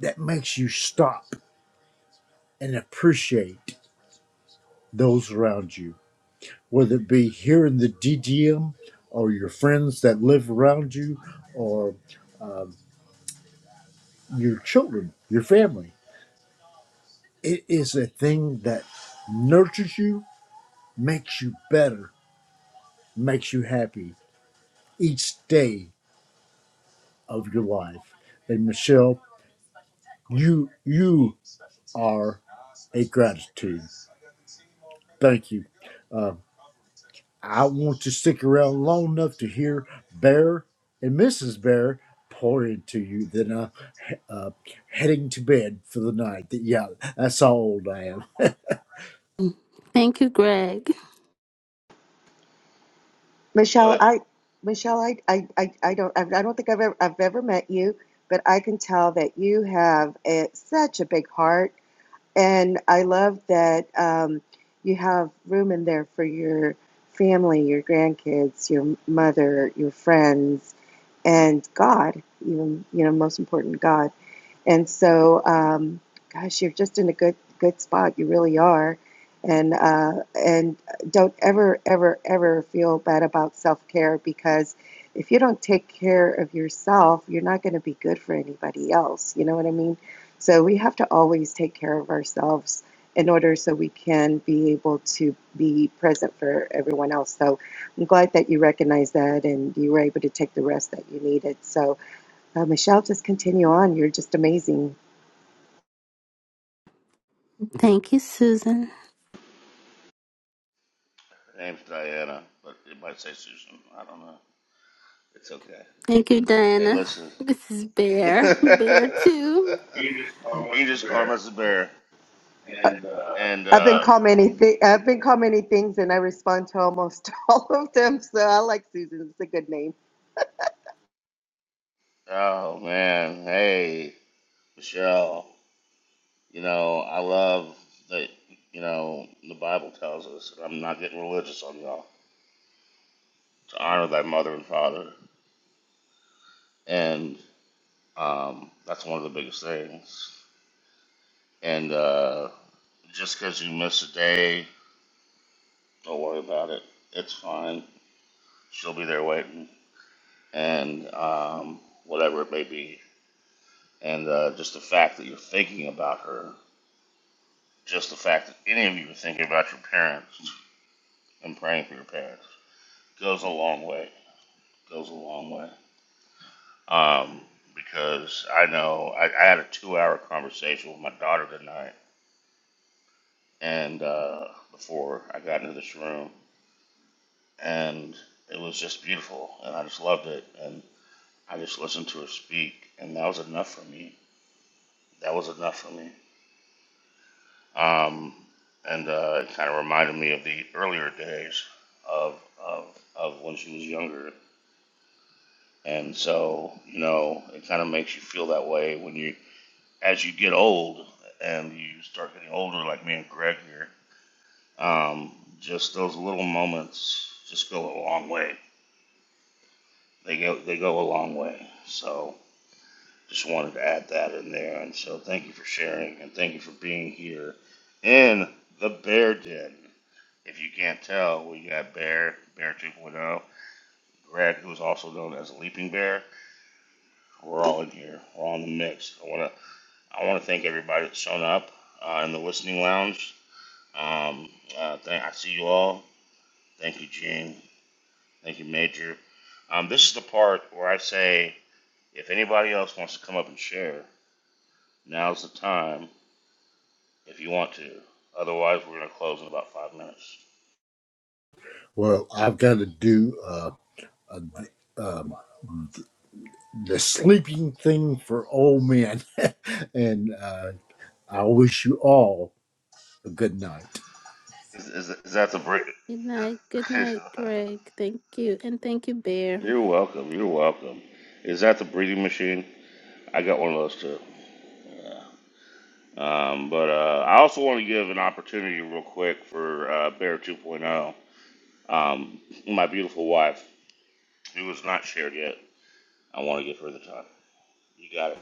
S3: that makes you stop and appreciate those around you, whether it be here in the DGM or your friends that live around you or um your children, your family. It is a thing that nurtures you makes you better, makes you happy each day of your life. And Michelle, you you are a gratitude. Thank you. I want to stick around long enough to hear Bear and Mrs. Bear pour into you. Then I'm uh, heading to bed for the night. Yeah, that's how old I am.
S7: Thank you, Greg.
S1: Go
S5: Michelle,
S1: ahead.
S5: I,
S1: Her
S5: Michelle, I, I, I, I don't, I, don't think I've ever, I've ever met you, but I can tell that you have a, such a big heart, and I love that um, you have room in there for your family, your grandkids, your mother, your friends, and God. Even, you know, most important, God. And so, um, gosh, you're just in a good good spot. You really are. And uh, and don't ever ever ever feel bad about self care because if you don't take care of yourself, you're not going to be good for anybody else. You know what I mean? So we have to always take care of ourselves in order so we can be able to be present for everyone else. So I'm glad that you recognized that and you were able to take the rest that you needed. So uh, Michelle, just continue on. You're just amazing.
S7: Thank you, Susan.
S1: name's Diana, but it might say Susan. I don't know. It's okay.
S7: Thank you,
S1: Hey,
S7: Diana.
S1: listen.
S7: This is
S1: you
S7: Bear. Bear
S1: can
S7: too.
S1: just call him as a bear. And
S5: I've been
S1: uh,
S5: called many thi- I've been called many things, and I respond to almost all of them. So I like Susan. It's a good name.
S1: oh man, hey Michelle, You know, I love that, you know, the Bible tells us, and I'm not getting religious on y'all, to honor thy mother and father. And um, that's one of the biggest things. And uh, just because you miss a day, don't worry about it. It's fine. She'll be there waiting. And um, whatever it may be. And uh, just the fact that you're thinking about her, just the fact that any of you are thinking about your parents and praying for your parents goes a long way. Goes a long way. um, because I know I, I had a two-hour conversation with my daughter tonight, and uh, before I got into this room, and it was just beautiful, and I just loved it, and I just listened to her speak, and that was enough for me. That was enough for me, um, and uh, it kind of reminded me of the earlier days of of of when she was younger. And so, you know, it kind of makes you feel that way when you as you get old and you start getting older, like me and Greg here, um, just those little moments just go a long way. They go they go a long way. So just wanted to add that in there. And so thank you for sharing and thank you for being here in the Bear Den. If you can't tell, we got Bear Bear 2.0, Point Oh, Greg, who is also known as Leaping Bear. We're all in here. We're all in the mix. I wanna I wanna thank everybody that's shown up uh, in the listening lounge Um, uh, th- I see you all. Thank you, Gene. Thank you, Major. Um, this is the part where I say if anybody else wants to come up and share, now's the time if you want to. Otherwise, we're going to close in about five minutes.
S3: Well, I've got to do uh, a, um, the sleeping thing for old men, and. uh, I wish you all a good night.
S1: Is, is, is that the breed?
S7: Good night. Good night, Greg. Thank you. And thank you, Bear.
S1: you're welcome. You're welcome. Is that the breeding machine? I got one of those too. Yeah. Um, but uh, I also want to give an opportunity real quick for uh, Bear 2.0, um, my beautiful wife, who was not shared yet. I want to get further time. You got it.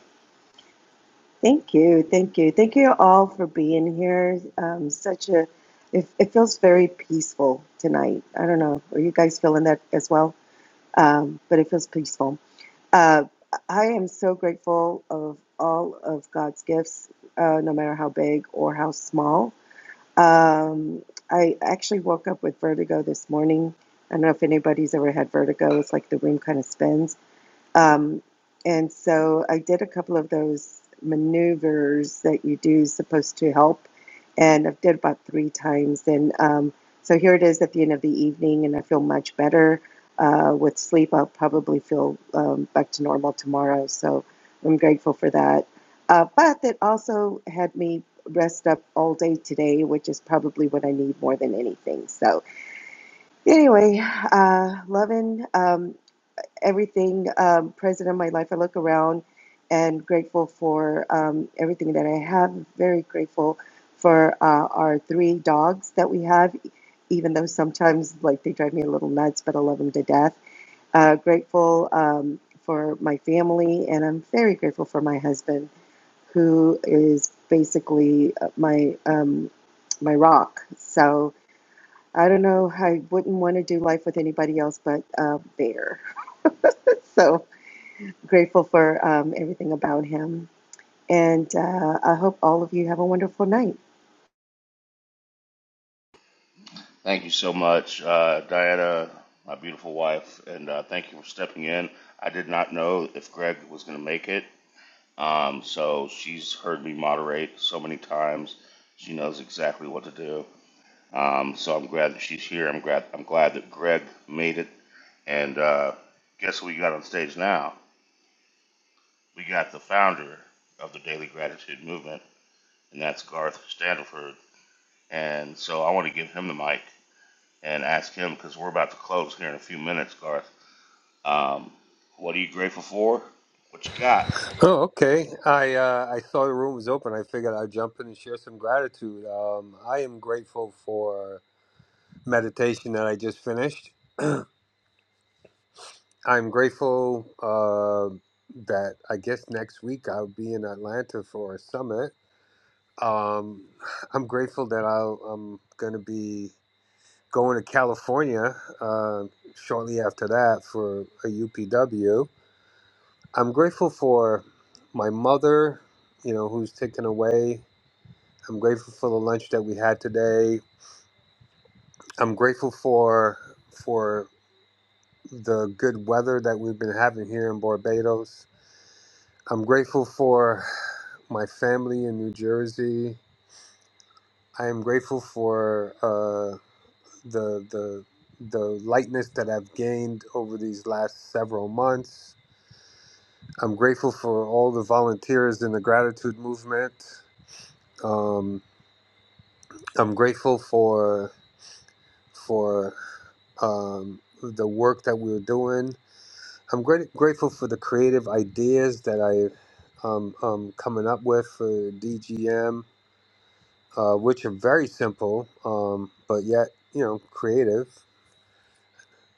S5: Thank you, thank you, thank you all for being here. Um, such a, it, it feels very peaceful tonight. I don't know. Are you guys feeling that as well? Um, but it feels peaceful. Uh, I am so grateful of all of God's gifts, uh, no matter how big or how small Um, I actually woke up with vertigo this morning. I don't know if anybody's ever had vertigo. It's like the room kind of spins. Um, and so I did a couple of those maneuvers that you do supposed to help, and I've did about three times. And um, so here it is at the end of the evening, and I feel much better uh, with sleep. I'll probably feel um, back to normal tomorrow, so I'm grateful for that. Uh, but that also had me rest up all day today, which is probably what I need more than anything. So anyway, uh, loving. Um, everything um, present in my life. I look around and grateful for um, everything that I have. Very grateful for uh, our three dogs that we have, even though sometimes like they drive me a little nuts, but I love them to death. Uh, grateful um, for my family, and I'm very grateful for my husband, who is basically uh, my um, my rock. So I don't know. I wouldn't want to do life with anybody else but uh, Bear. so grateful for um, everything about him. And uh, I hope all of you have a wonderful night.
S1: Thank you so much, uh, Diana, my beautiful wife, and uh, thank you for stepping in. I did not know if Greg was going to make it, um, so she's heard me moderate so many times. She knows exactly what to do. Um, so I'm glad that she's here. I'm glad. I'm glad that Greg made it. And uh, guess who we got on stage now? We got the founder of the Daily Gratitude Movement, and that's Garth Standiford. And so I want to give him the mic and ask him because we're about to close here in a few minutes, Garth. Um, what are you grateful for? What you got?
S8: Oh, okay. I uh, I saw the room was open. I figured I'd jump in and share some gratitude. Um, I am grateful for meditation that I just finished. I'm grateful uh, that I guess next week I'll be in Atlanta for a summit. Um, I'm grateful that I'll, I'm going to be going to California uh, shortly after that for a UPW. I'm grateful for my mother, you know, who's taken away. I'm grateful for the lunch that we had today. I'm grateful for for the good weather that we've been having here in Barbados. I'm grateful for my family in New Jersey. I am grateful for uh, the the the lightness that I've gained over these last several months. I'm grateful for all the volunteers in the gratitude movement. Um, I'm grateful for for um, the work that we are doing. I'm great, grateful for the creative ideas that I um, um, coming up with for DGM, uh, which are very simple, um, but yet you know creative.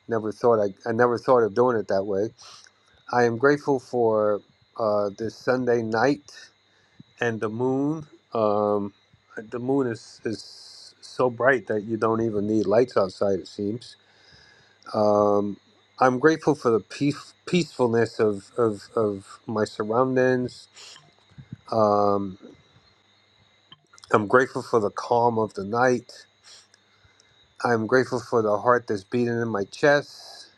S8: Never thought I, I never thought of doing it that way. I am grateful for uh, this Sunday night and the moon. Um, the moon is, is so bright that you don't even need lights outside. It seems Um, I'm grateful for the peace, peacefulness of, of, of my surroundings. Um, I'm grateful for the calm of the night. I'm grateful for the heart that's beating in my chest.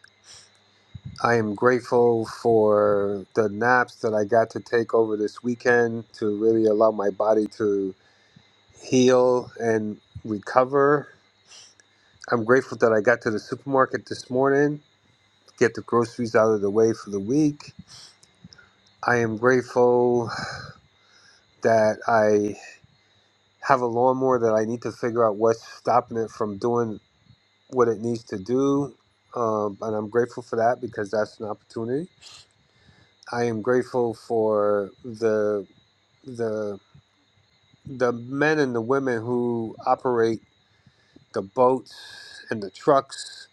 S8: I am grateful for the naps that I got to take over this weekend to really allow my body to heal and recover. I'm grateful that I got to the supermarket this morning, get the groceries out of the way for the week. I am grateful that I have a lawnmower that I need to figure out what's stopping it from doing what it needs to do. Um, and I'm grateful for that because that's an opportunity. I am grateful for the the the men and the women who operate the boats and the trucks.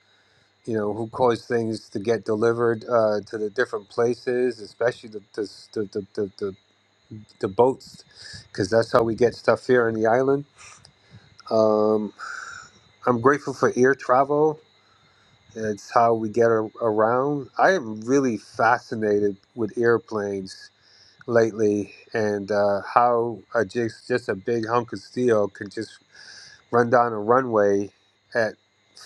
S8: You know who cause things to get delivered uh, to the different places, especially the the the the, the, the, the boats, because that's how we get stuff here on the island. Um, I'm grateful for air travel. It's how we get a- around. I am really fascinated with airplanes lately and uh, how a just, just a big hunk of steel can just run down a runway at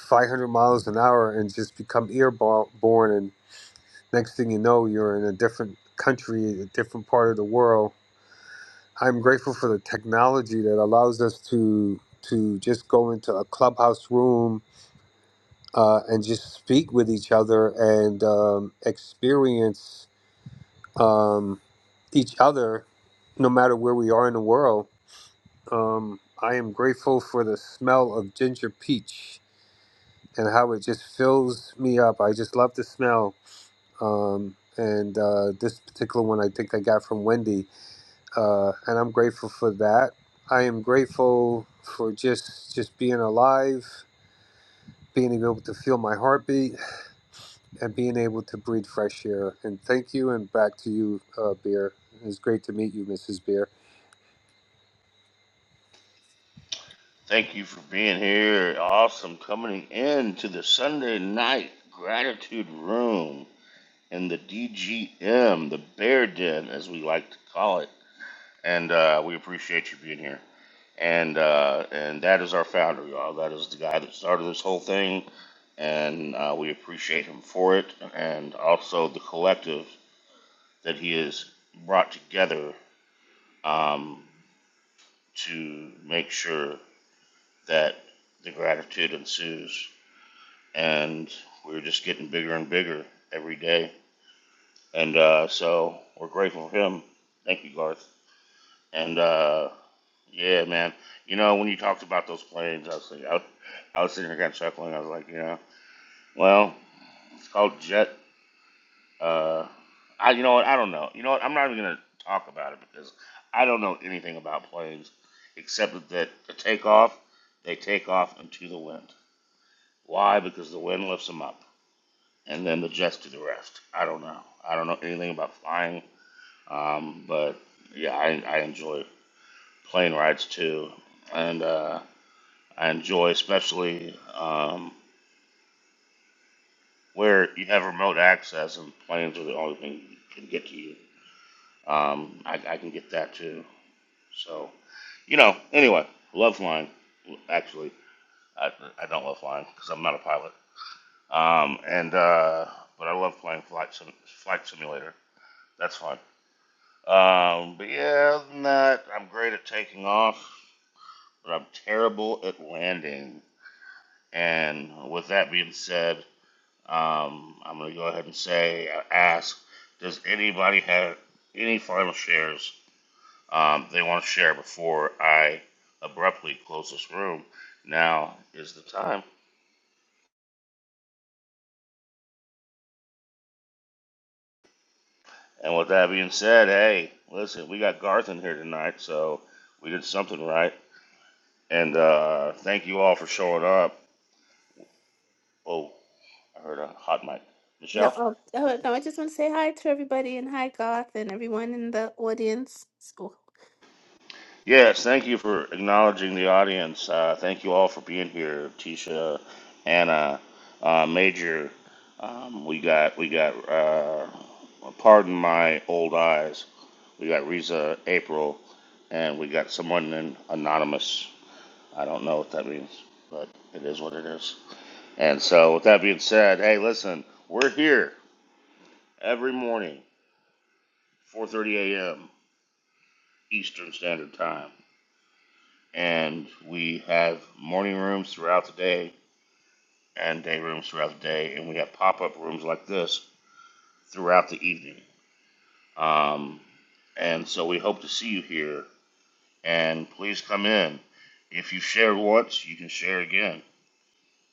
S8: 500 miles an hour and just become airborne. And next thing you know, you're in a different country, a different part of the world. I'm grateful for the technology that allows us to to just go into a clubhouse room uh, and just speak with each other and um, experience um, each other no matter where we are in the world. Um, I am grateful for the smell of ginger peach and how it just fills me up. I just love the smell. Um, and uh, this particular one I think I got from Wendy. Uh, and I'm grateful for that. I am grateful for just just being alive, being able to feel my heartbeat and being able to breathe fresh air. And thank you, and back to you, uh, Beer. It was great to meet you, Mrs. Beer.
S1: Thank you for being here. Awesome coming in to the Sunday night gratitude room in the DGM, the Bear Den, as we like to call it. And uh, we appreciate you being here. And uh, and that is our founder, y'all. That is the guy that started this whole thing, and uh, we appreciate him for it. And also the collective that he has brought together um, to make sure that the gratitude ensues. And we're just getting bigger and bigger every day. And uh, so we're grateful for him. Thank you, Garth. And uh, yeah, man. You know, when you talked about those planes, I was like, I, was- I was sitting here kind of chuckling. I was like, you know, well, it's called jet Uh, I you know what I don't know. You know what I'm not even gonna talk about it because I don't know anything about planes except that the takeoff they take off into the wind. Why? Because the wind lifts them up, and then the jets do the rest. I don't know. I don't know anything about flying. Um, but yeah, I, I enjoy plane rides too, and uh, I enjoy especially um, where you have remote access and planes are the only thing that can get to you. Um, I, I can get that too. So, you know, anyway, love flying. Actually, I, I don't love flying because I'm not a pilot. Um, and uh, but I love playing flight sim, flight simulator. That's fun. Um, but yeah, other than that, I'm great at taking off, but I'm terrible at landing. And with that being said, um, I'm gonna go ahead and say, ask, does anybody have any final shares um, they want to share before I abruptly close this room. Now is the time. And with that being said, hey, listen, we got Garth in here tonight, so we did something right. And uh, thank you all for showing up. Oh, I heard a hot mic.
S7: No,
S1: Michelle?
S7: oh, oh no, I just want to say hi to everybody and hi Garth and everyone in the audience. So-
S1: Yes, thank you for acknowledging the audience. Uh, thank you all for being here, Tisha, Anna, uh, Major. Um, we got we got. Uh, pardon my old eyes. We got Riza, April, and we got someone in anonymous. I don't know what that means, but it is what it is. And so, with that being said, hey, listen, we're here every morning, 4:30 a.m. Eastern Standard Time. and we have morning rooms throughout the day and day rooms throughout the day, and we have pop up rooms like this throughout the evening. Um, and so we hope to see you here, and please come in. If you shared once, you can share again.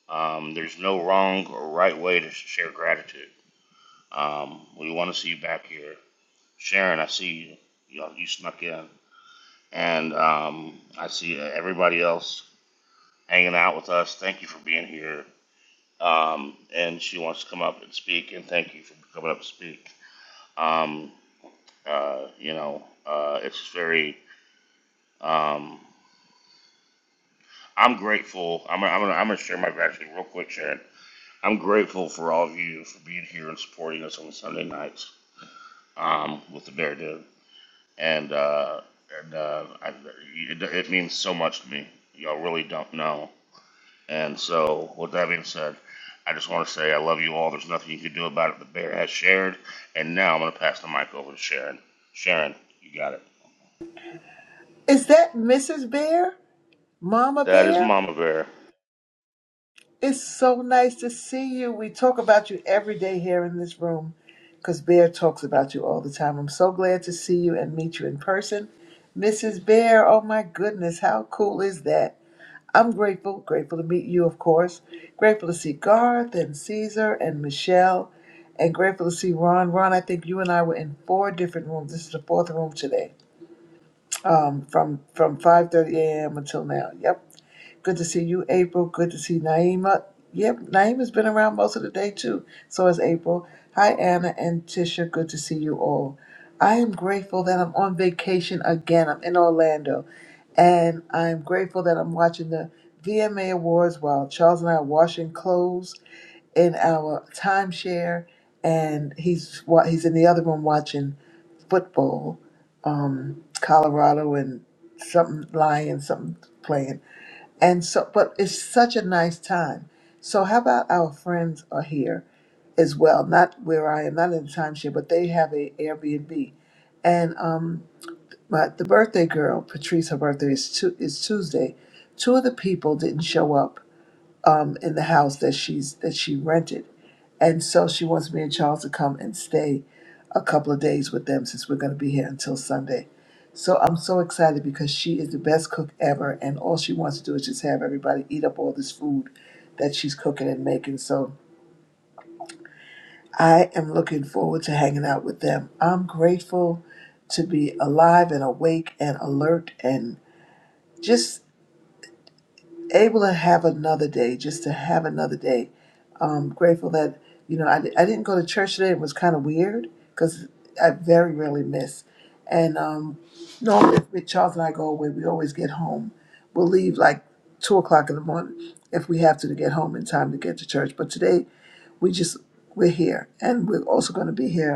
S1: Um, there's no wrong or right way to share gratitude. Um, we want to see you back here. Sharon, I see you. You, know, you snuck in. And um, I see everybody else hanging out with us. Thank you for being here. um, and she wants to come up and speak. And thank you for coming up to speak. Um, uh, you know, uh, it's very. Um, I'm grateful. I'm. I'm. Gonna, I'm going to share my gratitude real quick, Sharon. I'm grateful for all of you for being here and supporting us on Sunday nights um, with the Bear Dude, and uh, and uh, I, it, it means so much to me. Y'all really don't know. And so, with that being said, I just want to say I love you all. There's nothing you can do about it. The bear has shared. And now I'm going to pass the mic over to Sharon. Sharon, you got it.
S9: Is that Mrs. Bear? Mama
S1: That is
S9: Bear?
S1: Mama Bear.
S9: It's so nice to see you. We talk about you every day here in this room because Bear talks about you all the time. I'm so glad to see you and meet you in person. Mrs. Bear, oh my goodness, how cool is that? I'm grateful, grateful to meet you, of course. Grateful to see Garth and Caesar and Michelle, and grateful to see Ron. Ron, I think you and I were in four different rooms. This is the fourth room today, um, from from 5:30 a.m. until now. Yep Good to see you, April. Good to see Naima. Yep, Naima's been around most of the day too. So has April. Hi, Anna and Tisha. Good to see you all. I am grateful that I'm on vacation again. I'm in Orlando. And I'm grateful that I'm watching the VMA Awards while Charles and I are washing clothes in our timeshare. And he's wa- he's in the other room watching football, um, Colorado and something Lions, something playing. And so, but it's such a nice time. So, how about our friends are here as well? Not where I am, not in the timeshare, but they have a Airbnb. And um, my the birthday girl, Patrice, her birthday is tu- is Tuesday. Two of the people didn't show up um, in the house that she's that she rented. And so she wants me and Charles to come and stay a couple of days with them since we're going to be here until Sunday. So I'm so excited because she is the best cook ever, and all she wants to do is just have everybody eat up all this food that she's cooking and making. So I am looking forward to hanging out with them. I'm grateful to be alive and awake and alert and just able to have another day, just to have another day. Um, grateful that you know I, I didn't go to church today. It was kind of weird because I very rarely miss. And um, normally, if Charles and I go away, we always get home. We'll leave like two o'clock in the morning if we have to to get home in time to get to church. But today we just we're here, and we're also going to be here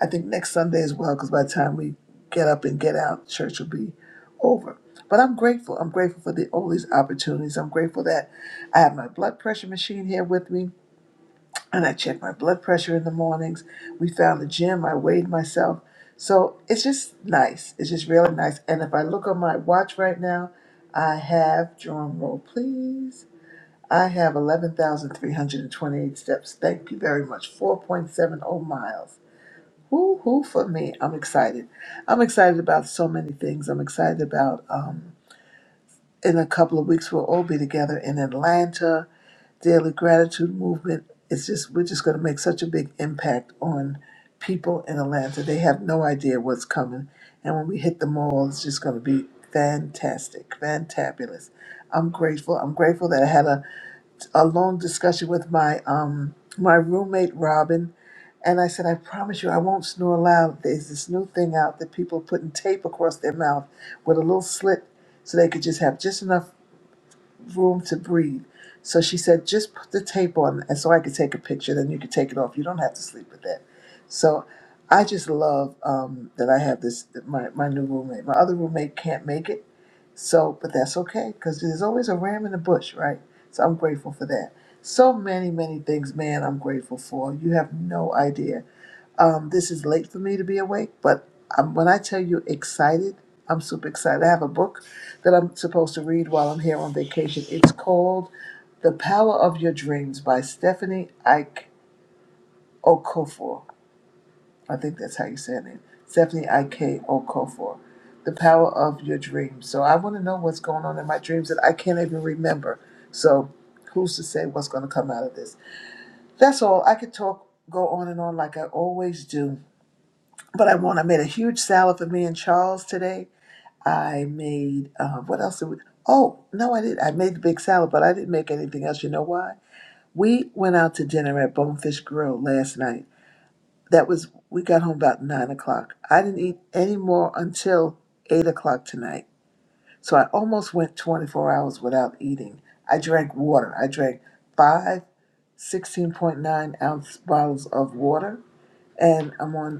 S9: I think next Sunday as well, because by the time we get up and get out, church will be over. But I'm grateful. I'm grateful for the, all these opportunities. I'm grateful that I have my blood pressure machine here with me, and I check my blood pressure in the mornings. We found the gym. I weighed myself. So it's just nice. It's just really nice. And if I look on my watch right now, I have, drum roll please, I have 11,328 steps. Thank you very much. 4.70 miles. Woo hoo for me. I'm excited. I'm excited about so many things. I'm excited about um, in a couple of weeks we'll all be together in Atlanta. Daily gratitude movement. It's just we're just gonna make such a big impact on people in Atlanta. They have no idea what's coming. And when we hit the mall, it's just gonna be fantastic, fantabulous. I'm grateful. I'm grateful that I had a, a long discussion with my um my roommate Robin and I said, I promise you, I won't snore loud. There's this new thing out that people are putting tape across their mouth with a little slit so they could just have just enough room to breathe. So she said, just put the tape on, and so I could take a picture. Then you could take it off. You don't have to sleep with that. So I just love um, that I have this my my new roommate. My other roommate can't make it, so but that's okay because there's always a ram in the bush, right? So I'm grateful for that. So many many things, man. I'm grateful for. You have no idea. Um, this is late for me to be awake, but um, when I tell you excited, I'm super excited. I have a book that I'm supposed to read while I'm here on vacation. It's called The Power of Your Dreams by Stephanie Ike Okofor. I think that's how you say her name. Stephanie Ike Okofor. The Power of Your Dreams. So I want to know what's going on in my dreams that I can't even remember. So who's to say what's going to come out of this? That's all. I could talk, go on and on like I always do but I want. I made a huge salad for me and Charles today. I made uh, what else? Did we, oh no, I did. I made the big salad, but I didn't make anything else. You know why? We went out to dinner at Bonefish Grill last night. That was we got home about nine o'clock. I didn't eat any more until eight o'clock tonight. So I almost went twenty four hours without eating. I drank water. I drank five sixteen-point-nine ounce bottles of water, and I'm on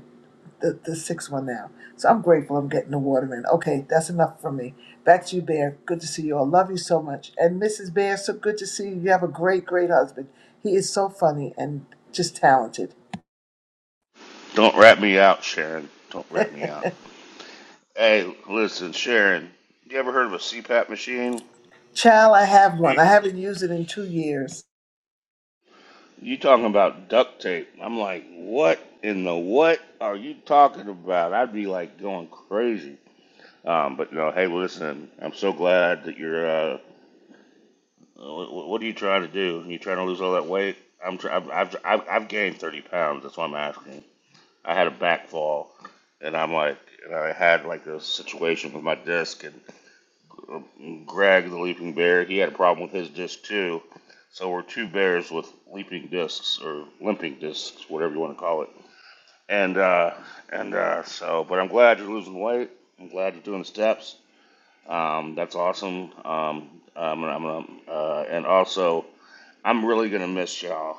S9: the, the sixth one now. So I'm grateful I'm getting the water in. Okay, that's enough for me. Back to you, Bear. Good to see you all. Love you so much. And Mrs. Bear, so good to see you. You have a great, great husband. He is so funny and just talented.
S1: Don't rat me out, Sharon. Don't rat me out. Hey, listen, Sharon, you ever heard of a CPAP machine?
S9: Child, I
S1: You,
S9: have one.
S1: you,
S9: I haven't used it in two years.
S1: you talking about duct tape. I'm like, what in the what are you talking about? I'd be like going crazy. Um, but no, hey, listen, I'm so glad that you're. Uh, What, what are you trying to do? You trying to lose all that weight? I'm. Try- I've, I've. I've I've gained thirty pounds. That's why I'm asking. I had a back fall, and I'm like, and I had like a situation with my disc. And um, Greg, the leaping bear, he had a problem with his disc too. So we're two bears with leaping discs or limping discs, whatever you want to call it. And uh, and uh, so, but I'm glad you're losing weight. I'm glad you're doing the steps. Um, that's awesome. Um, I'm gonna, I'm gonna, uh, and also I'm really gonna miss y'all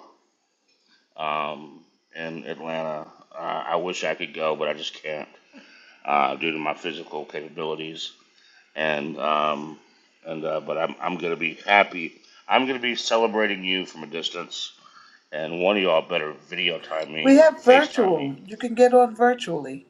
S1: um, in Atlanta. Uh, I wish I could go, but I just can't uh, due to my physical capabilities. And um, and uh, but I'm I'm gonna be happy. I'm gonna be celebrating you from a distance. And one of y'all better video time me
S9: We
S1: or
S9: have
S1: FaceTime me.
S9: virtual. You can get on virtually.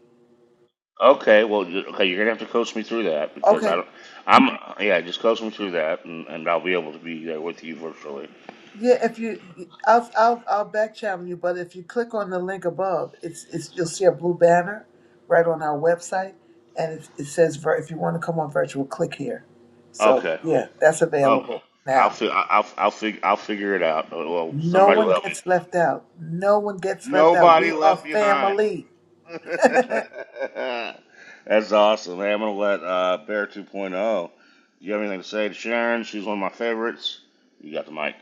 S1: Okay, well, you- okay, you're gonna have to coach me through that because I
S9: Okay.
S1: don't. I'm yeah, just coach me through that, and, and I'll be able to be there with you virtually.
S9: Yeah, if you, I'll I'll I'll back channel you, but if you click on the link above, it's it's you'll see a blue banner right on our website, and it, it says vir- if you want to come on virtual, click here. So
S1: Okay.
S9: yeah, that's
S1: Okay.
S9: available
S1: I'll
S9: now.
S1: fi- I- I'll I'll, fig- I'll figure it out. Oh, Well,
S9: No
S1: somebody will
S9: one
S1: help me.
S9: gets left out. No one gets left out.
S1: Nobody
S9: We are
S1: left behind.
S9: family.
S1: That's awesome. Hey, I'm gonna let uh, Bear 2.0. You have anything to say to Sharon? She's one of my favorites. You got the mic.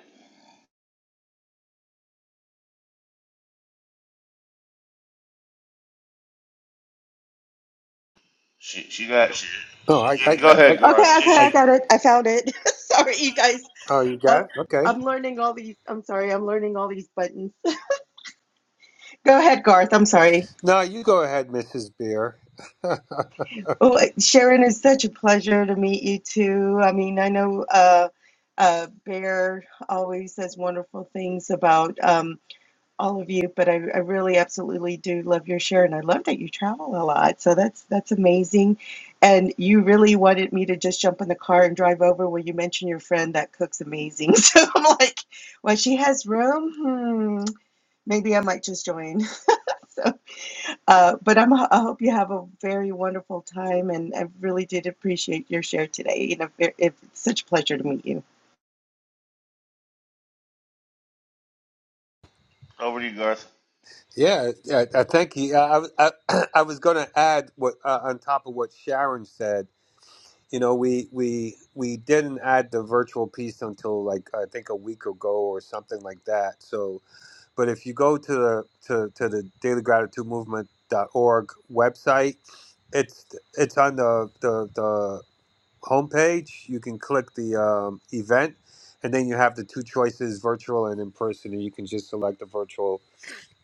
S1: She she got she.
S8: Oh, I, I,
S1: yeah, Go
S8: I, I,
S1: ahead, Garth.
S5: Okay,
S1: She
S5: okay,
S1: she.
S8: I
S5: I got it. I found it. sorry, you guys.
S8: oh, you
S5: Uh,
S8: got it. Okay.
S5: I'm learning all these. I'm sorry, I'm learning all these buttons. Go ahead, Garth. I'm sorry.
S8: No, you go ahead, Mrs. Beer.
S5: Oh, Sharon, it's such a pleasure to meet you too. I mean, I know uh, uh, Bear always says wonderful things about. Um, all of you, but I, I really absolutely do love your share, and I love that you travel a lot. So that's that's amazing. And you really wanted me to just jump in the car and drive over where you mentioned your friend that cooks amazing. So I'm like, well, she has room. Hmm, maybe I might just join. So, uh, but I'm I hope you have a very wonderful time, and I really did appreciate your share today. You know, it- it's such a pleasure to meet you.
S1: Over to you, Garth.
S8: yeah, I, I thank you. I, I, I was going to add what uh, on top of what Sharon said. You know, we we we didn't add the virtual piece until like I think a week ago or something like that. So But if you go to the to, to the daily gratitude movement dot org website, it's it's on the the, the homepage. You can click the um, event, and then you have the two choices: virtual and in person. And you can just select the virtual,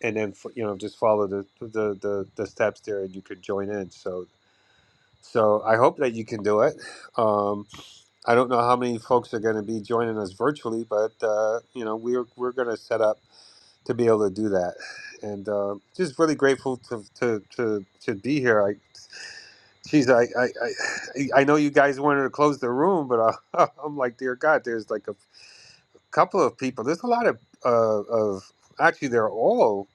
S8: and then fo- you know just follow the the, the, the steps there, and you could join in. So so I hope that you can do it. Um, I don't know how many folks are going to be joining us virtually, but uh, you know we're we're going to set up to be able to do that, and uh, just really grateful to to to, to be here. I, geez, I, I I I know you guys wanted to close the room, but I, I'm like, dear God, there's like a couple of people. There's a lot of uh, of actually, they're all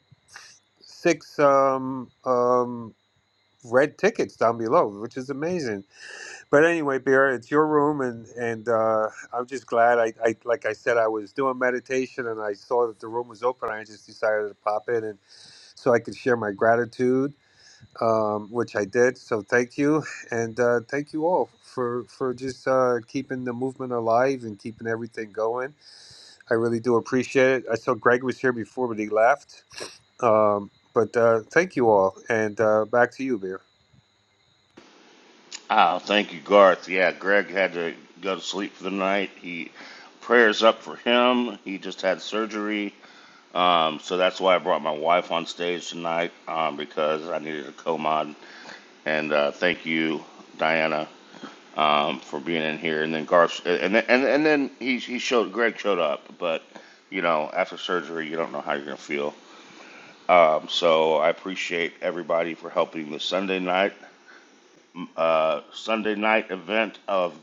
S8: six um um red tickets down below, which is amazing. But anyway, Bear, it's your room, and and uh, I'm just glad. I, I like I said, I was doing meditation, and I saw that the room was open. I just decided to pop in and so I could share my gratitude, um, which I did. So thank you, and uh, thank you all for for just uh, keeping the movement alive and keeping everything going. I really do appreciate it. I saw Greg was here before, but he left. Um, but uh, thank you all, and uh, back to you, Beer.
S1: Oh, thank you, Garth. Yeah, Greg had to go to sleep for the night. He prayers up for him. He just had surgery. Um, so that's why I brought my wife on stage tonight um, because I needed a co-mod. And uh, thank you, Diana, um, for being in here. And then Garth, uh, and then and, and then he he showed Greg showed up, but you know after surgery you don't know how you're gonna feel. Um, so I appreciate everybody for helping the Sunday night uh, Sunday night event of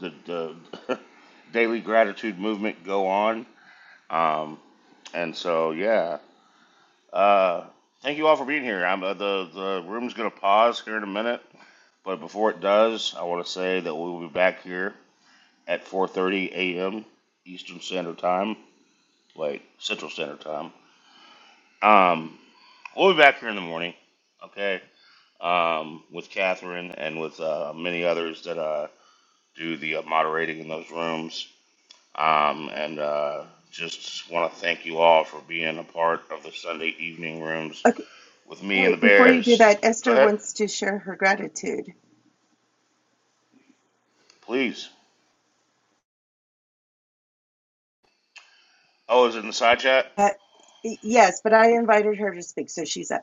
S1: the the daily gratitude movement go on. Um, and so yeah, Uh, thank you all for being here. I'm, uh, the the room's going to pause here in a minute, but before it does, I want to say that we will be back here at 4:30 a.m. Eastern Standard Time, like Central Standard Time. Um, we'll be back here in the morning, okay? Um, with Catherine and with uh, many others that uh, do the uh, moderating in those rooms. Um, and uh, just want to thank you all for being a part of the Sunday evening rooms
S5: Okay,
S1: with me
S5: hey,
S1: and the
S5: before you do
S1: Bears.
S5: that,
S1: Go
S5: Esther
S1: ahead.
S5: wants to share her gratitude.
S1: Please. Oh, is it in the side chat?
S5: Uh, yes, but I invited her to speak, so she's up.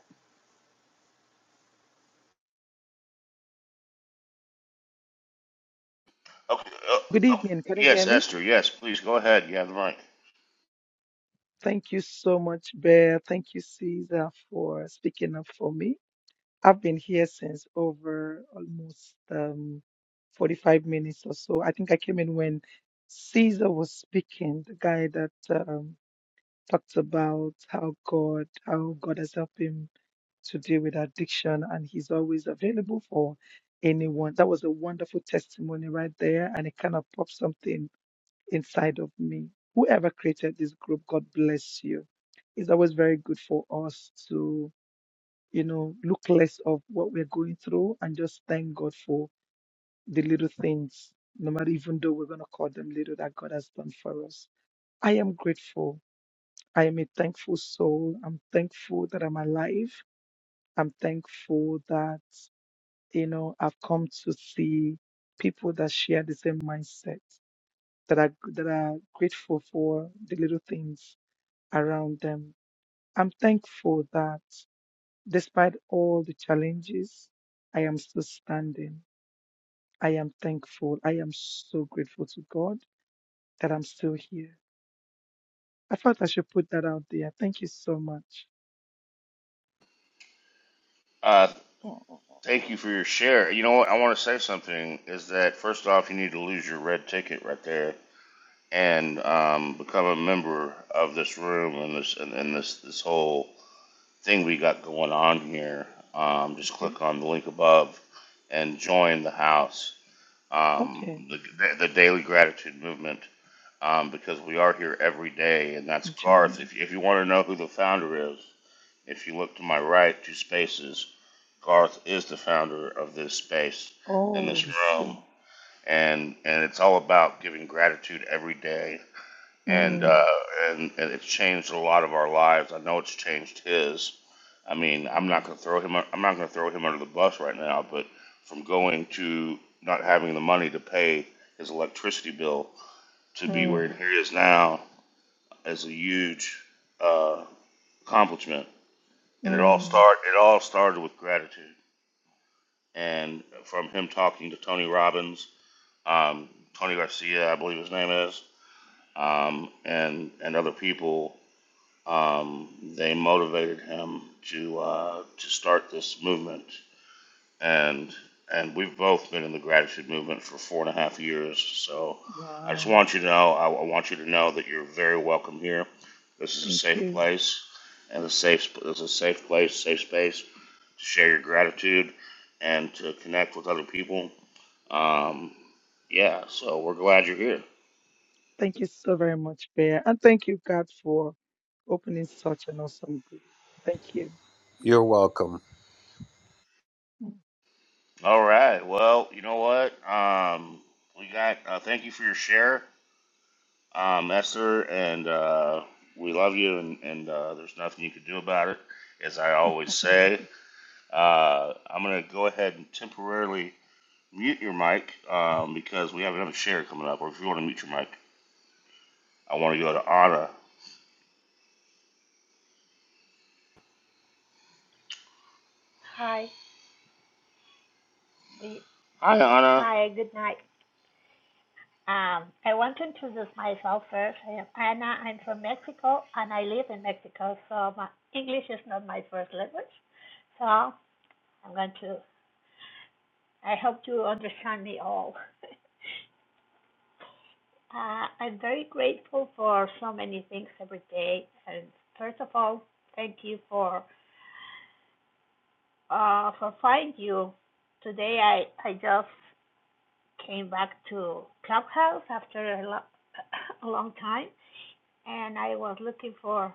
S1: Okay. Uh,
S10: Good
S1: oh,
S10: evening. Can you hear
S1: yes,
S10: me?
S1: Esther. Yes, please go ahead. You have the mic.
S10: Thank you so much, Bear. Thank you, Caesar, for speaking up for me. I've been here since over almost um, 45 minutes or so. I think I came in when Caesar was speaking, the guy that um, talked about how God, how God has helped him to deal with addiction, and he's always available for anyone. That was a wonderful testimony right there, and it kind of popped something inside of me. Whoever created this group, God bless you. It's always very good for us to, you know, look less of what we're going through and just thank God for the little things, no matter even though we're going to call them little, that God has done for us. I am grateful. I am a thankful soul. I'm thankful that I'm alive. I'm thankful that, you know, I've come to see people that share the same mindset, that are, that are grateful for the little things around them. I'm thankful that despite all the challenges, I am still standing. I am thankful. I am so grateful to God that I'm still here. I felt I should put that out there. Thank you so much.
S1: Uh,
S10: Oh,
S1: thank you for your share. You know what? I want to say something. Is that first off, you need to lose your red ticket right there and um, become a member of this room and this and, and this this whole thing we got going on here. Um, just
S10: okay.
S1: click on the link above and join the house.
S10: Okay.
S1: Um, the, the daily gratitude movement. um, because we are here every day, and that's Garth.
S10: Join.
S1: If, you, if you want to know who the founder is, if you look to my right, two spaces, Garth is the founder of this space and
S10: Oh,
S1: this
S10: I
S1: room,
S10: see.
S1: and and it's all about giving gratitude every day, and uh,
S10: Mm,
S1: and, and it's changed a lot of our lives. I know it's changed his. I mean, I'm not
S10: mm,
S1: gonna throw him. I'm not gonna throw him under the bus right now, but from going to not having the money to pay his electricity bill to be where
S10: mm,
S1: he is now as a huge uh, accomplishment. And it all
S10: mm.
S1: start it all started with gratitude, and from him talking to Tony Robbins, um, Tony Garcia, I believe his name is, um, and and other people, um, they motivated him to uh, to start this movement. and and we've both been in the gratitude movement for four and a half years. So I just
S10: Wow.
S1: want you to know, I, I want you to know that you're very welcome here. This is a
S10: Thank
S1: safe
S10: you.
S1: place, and a safe this is a safe place, safe space to share your gratitude and to connect with other people. Um, yeah, so we're glad you're here.
S10: Thank you so very much, Bear. And thank you, God, for opening such an awesome group. Thank you.
S8: You're welcome.
S1: All right. Well, you know what? Um, we got. Uh, thank you for your share. um, Esther, and uh, we love you, and, and uh, there's nothing you can do about it, as I always
S10: Okay.
S1: say. Uh, I'm going to go ahead and temporarily mute your mic um, because we have another share coming up, or if you want to mute your mic, I want to go to Anna.
S11: Hi. Good,
S1: Hi, Anna.
S11: hi, good night. Um, I want to introduce myself first. I am Anna. I'm from Mexico and I live in Mexico, so my English is not my first language. So I'm going to, I hope you understand me all. Uh, I'm very grateful for so many things every day. And first of all, thank you for uh, for find you. Today I, I just came back to Clubhouse after a, lo- a long time and I was looking for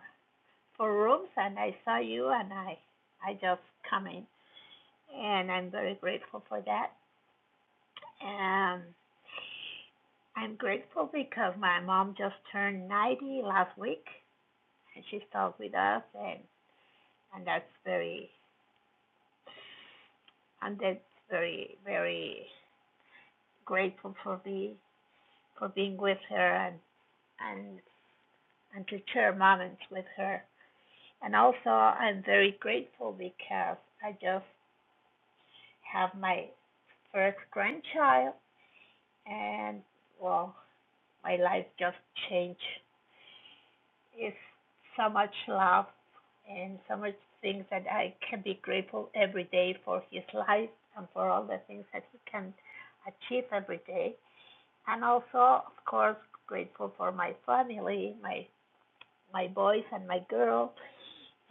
S11: for rooms and I saw you and I I just come in and I'm very grateful for that. Um I'm grateful because my mom just turned 90 last week and she stuck with us and and that's very and that's very very grateful for me for being with her and and and to share moments with her. And also I'm very grateful because I just have my first grandchild and well my life just changed it's so much love and so much things that i can be grateful every day for his life and for all the things that he can achieve every day and also of course grateful for my family my my boys and my girls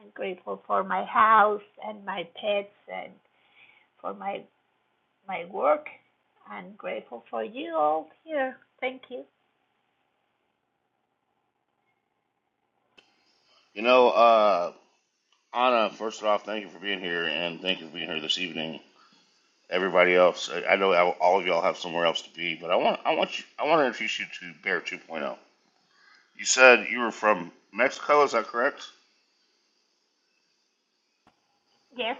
S11: and grateful for my house and my pets and for my my work. I'm grateful for you all here. Thank you.
S1: You know, uh, Anna, first off, thank you for being here, and thank you for being here this evening. Everybody else, I I know all of y'all have somewhere else to be, but I want I want you I want to introduce you to Bear 2.0. You said you were from Mexico, is that correct?
S11: Yes,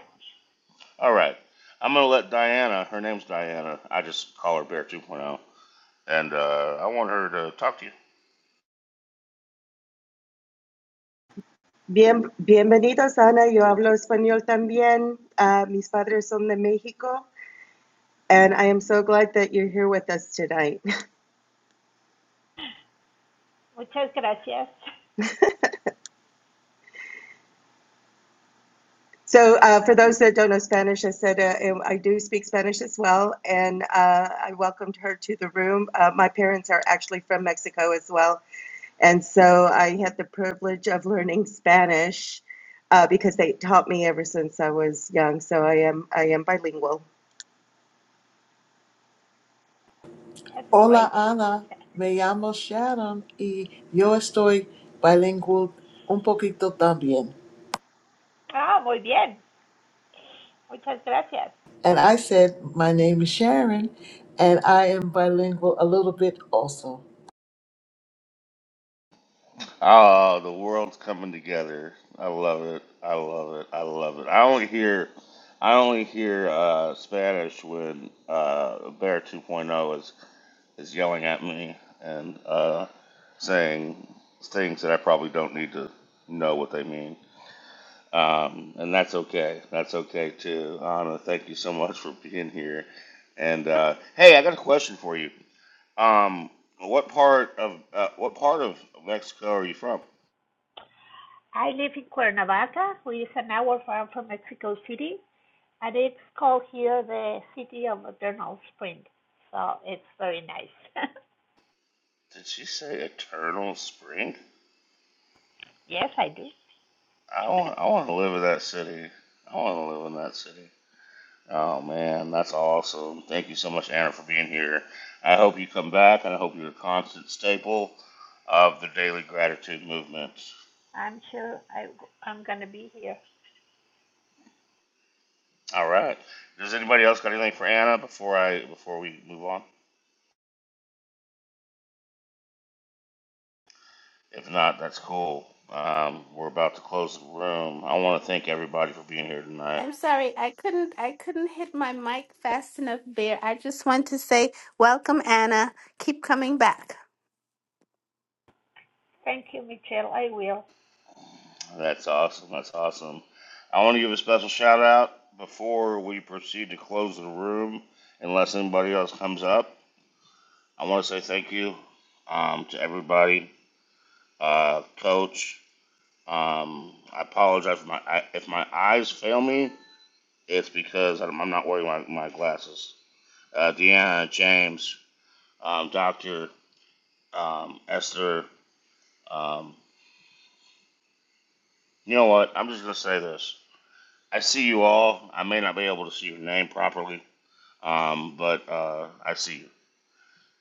S1: All right. I'm going to let Diana, her name's Diana. I just call her Bear 2.0. And uh, I want her to talk to you.
S5: Bien, bienvenidos, Ana. Yo hablo español también. Uh, mis padres son de Mexico, and I am so glad that you're here with us tonight.
S11: muchas gracias.
S5: So, uh, for those that don't know Spanish, I said uh, um, I do speak Spanish as well, and uh, I welcomed her to the room. Uh, my parents are actually from Mexico as well, and so I had the privilege of learning Spanish uh, because they taught me ever since I was young. So I am I am bilingual.
S11: That's
S9: Hola
S11: great.
S9: Ana, me llamo Sharon y yo estoy bilingual un poquito también.
S11: Ah, muy bien. Muchas gracias.
S9: And I said, My name is Sharon, and I am bilingual a little bit also.
S1: Oh, the world's coming together. I love it. I love it. I love it. I only hear, I only hear uh, Spanish when uh, Bear 2.0 is, is yelling at me and uh, saying things that I probably don't need to know what they mean. Um, and that's okay. That's okay too. Anna, thank you so much for being here. And uh, hey, I got a question for you. Um, what part of uh, what part of Mexico are you from?
S11: I live in Cuernavaca, which is an hour from, from Mexico City, and it's called here the city of eternal spring. So it's very nice.
S1: Did she say Eternal Spring?
S11: yes, I do.
S1: I want I want to live in that city. I want to live in that city. Oh man, that's awesome. Thank you so much, Anna, for being here. I hope you come back, and I hope you're a constant staple of the daily gratitude movement.
S11: I'm sure I, I'm going to be here.
S1: All right. Does anybody else got anything for Anna before I before we move on? If not, that's cool. Um, we're about to close the room. I want to thank everybody for being here tonight.
S7: I'm sorry, I couldn't I couldn't hit my mic fast enough, Bear. I just want to say welcome Anna. Keep coming back.
S11: Thank you, Michelle. I will.
S1: That's awesome. That's awesome. I want to give a special shout out before we proceed to close the room, unless anybody else comes up. I want to say thank you um, to everybody, uh, Coach. Um, I apologize for my I, if my eyes fail me. It's because I'm I'm not wearing my, my glasses. uh, Deanna, James, um, Doctor, um, Esther. Um, you know what? I'm just gonna say this. I see you all. I may not be able to see your name properly, um, but uh, I see you,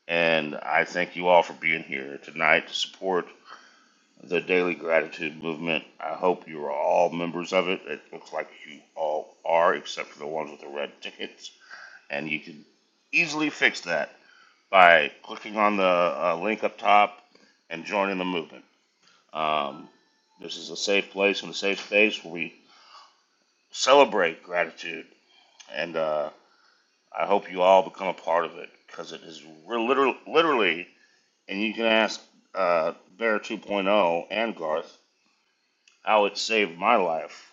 S1: and I thank you all for being here tonight to support the Daily Gratitude Movement. I hope you are all members of it. It looks like you all are, except for the ones with the red tickets, and you can easily fix that by clicking on the uh, link up top and joining the movement. Um, this is a safe place and a safe space where we celebrate gratitude, and uh, I hope you all become a part of it because it is we're literally, literally, and you can ask uh, Bear 2.0 Point Oh and Garth how it saved my life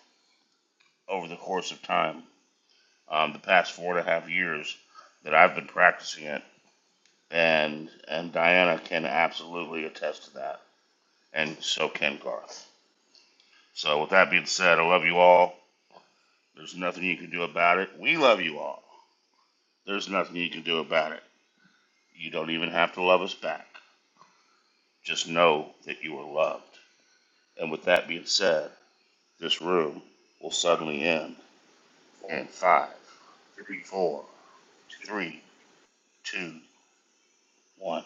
S1: over the course of time, um, the past four and a half years that I've been practicing it, and and Diana can absolutely attest to that, and so can Garth. So with that being said, I love you all. There's nothing you can do about it. We love you all. There's nothing you can do about it. You don't even have to love us back. Just know that you are loved. And with that being said, this room will suddenly end in five, four, three, two, one.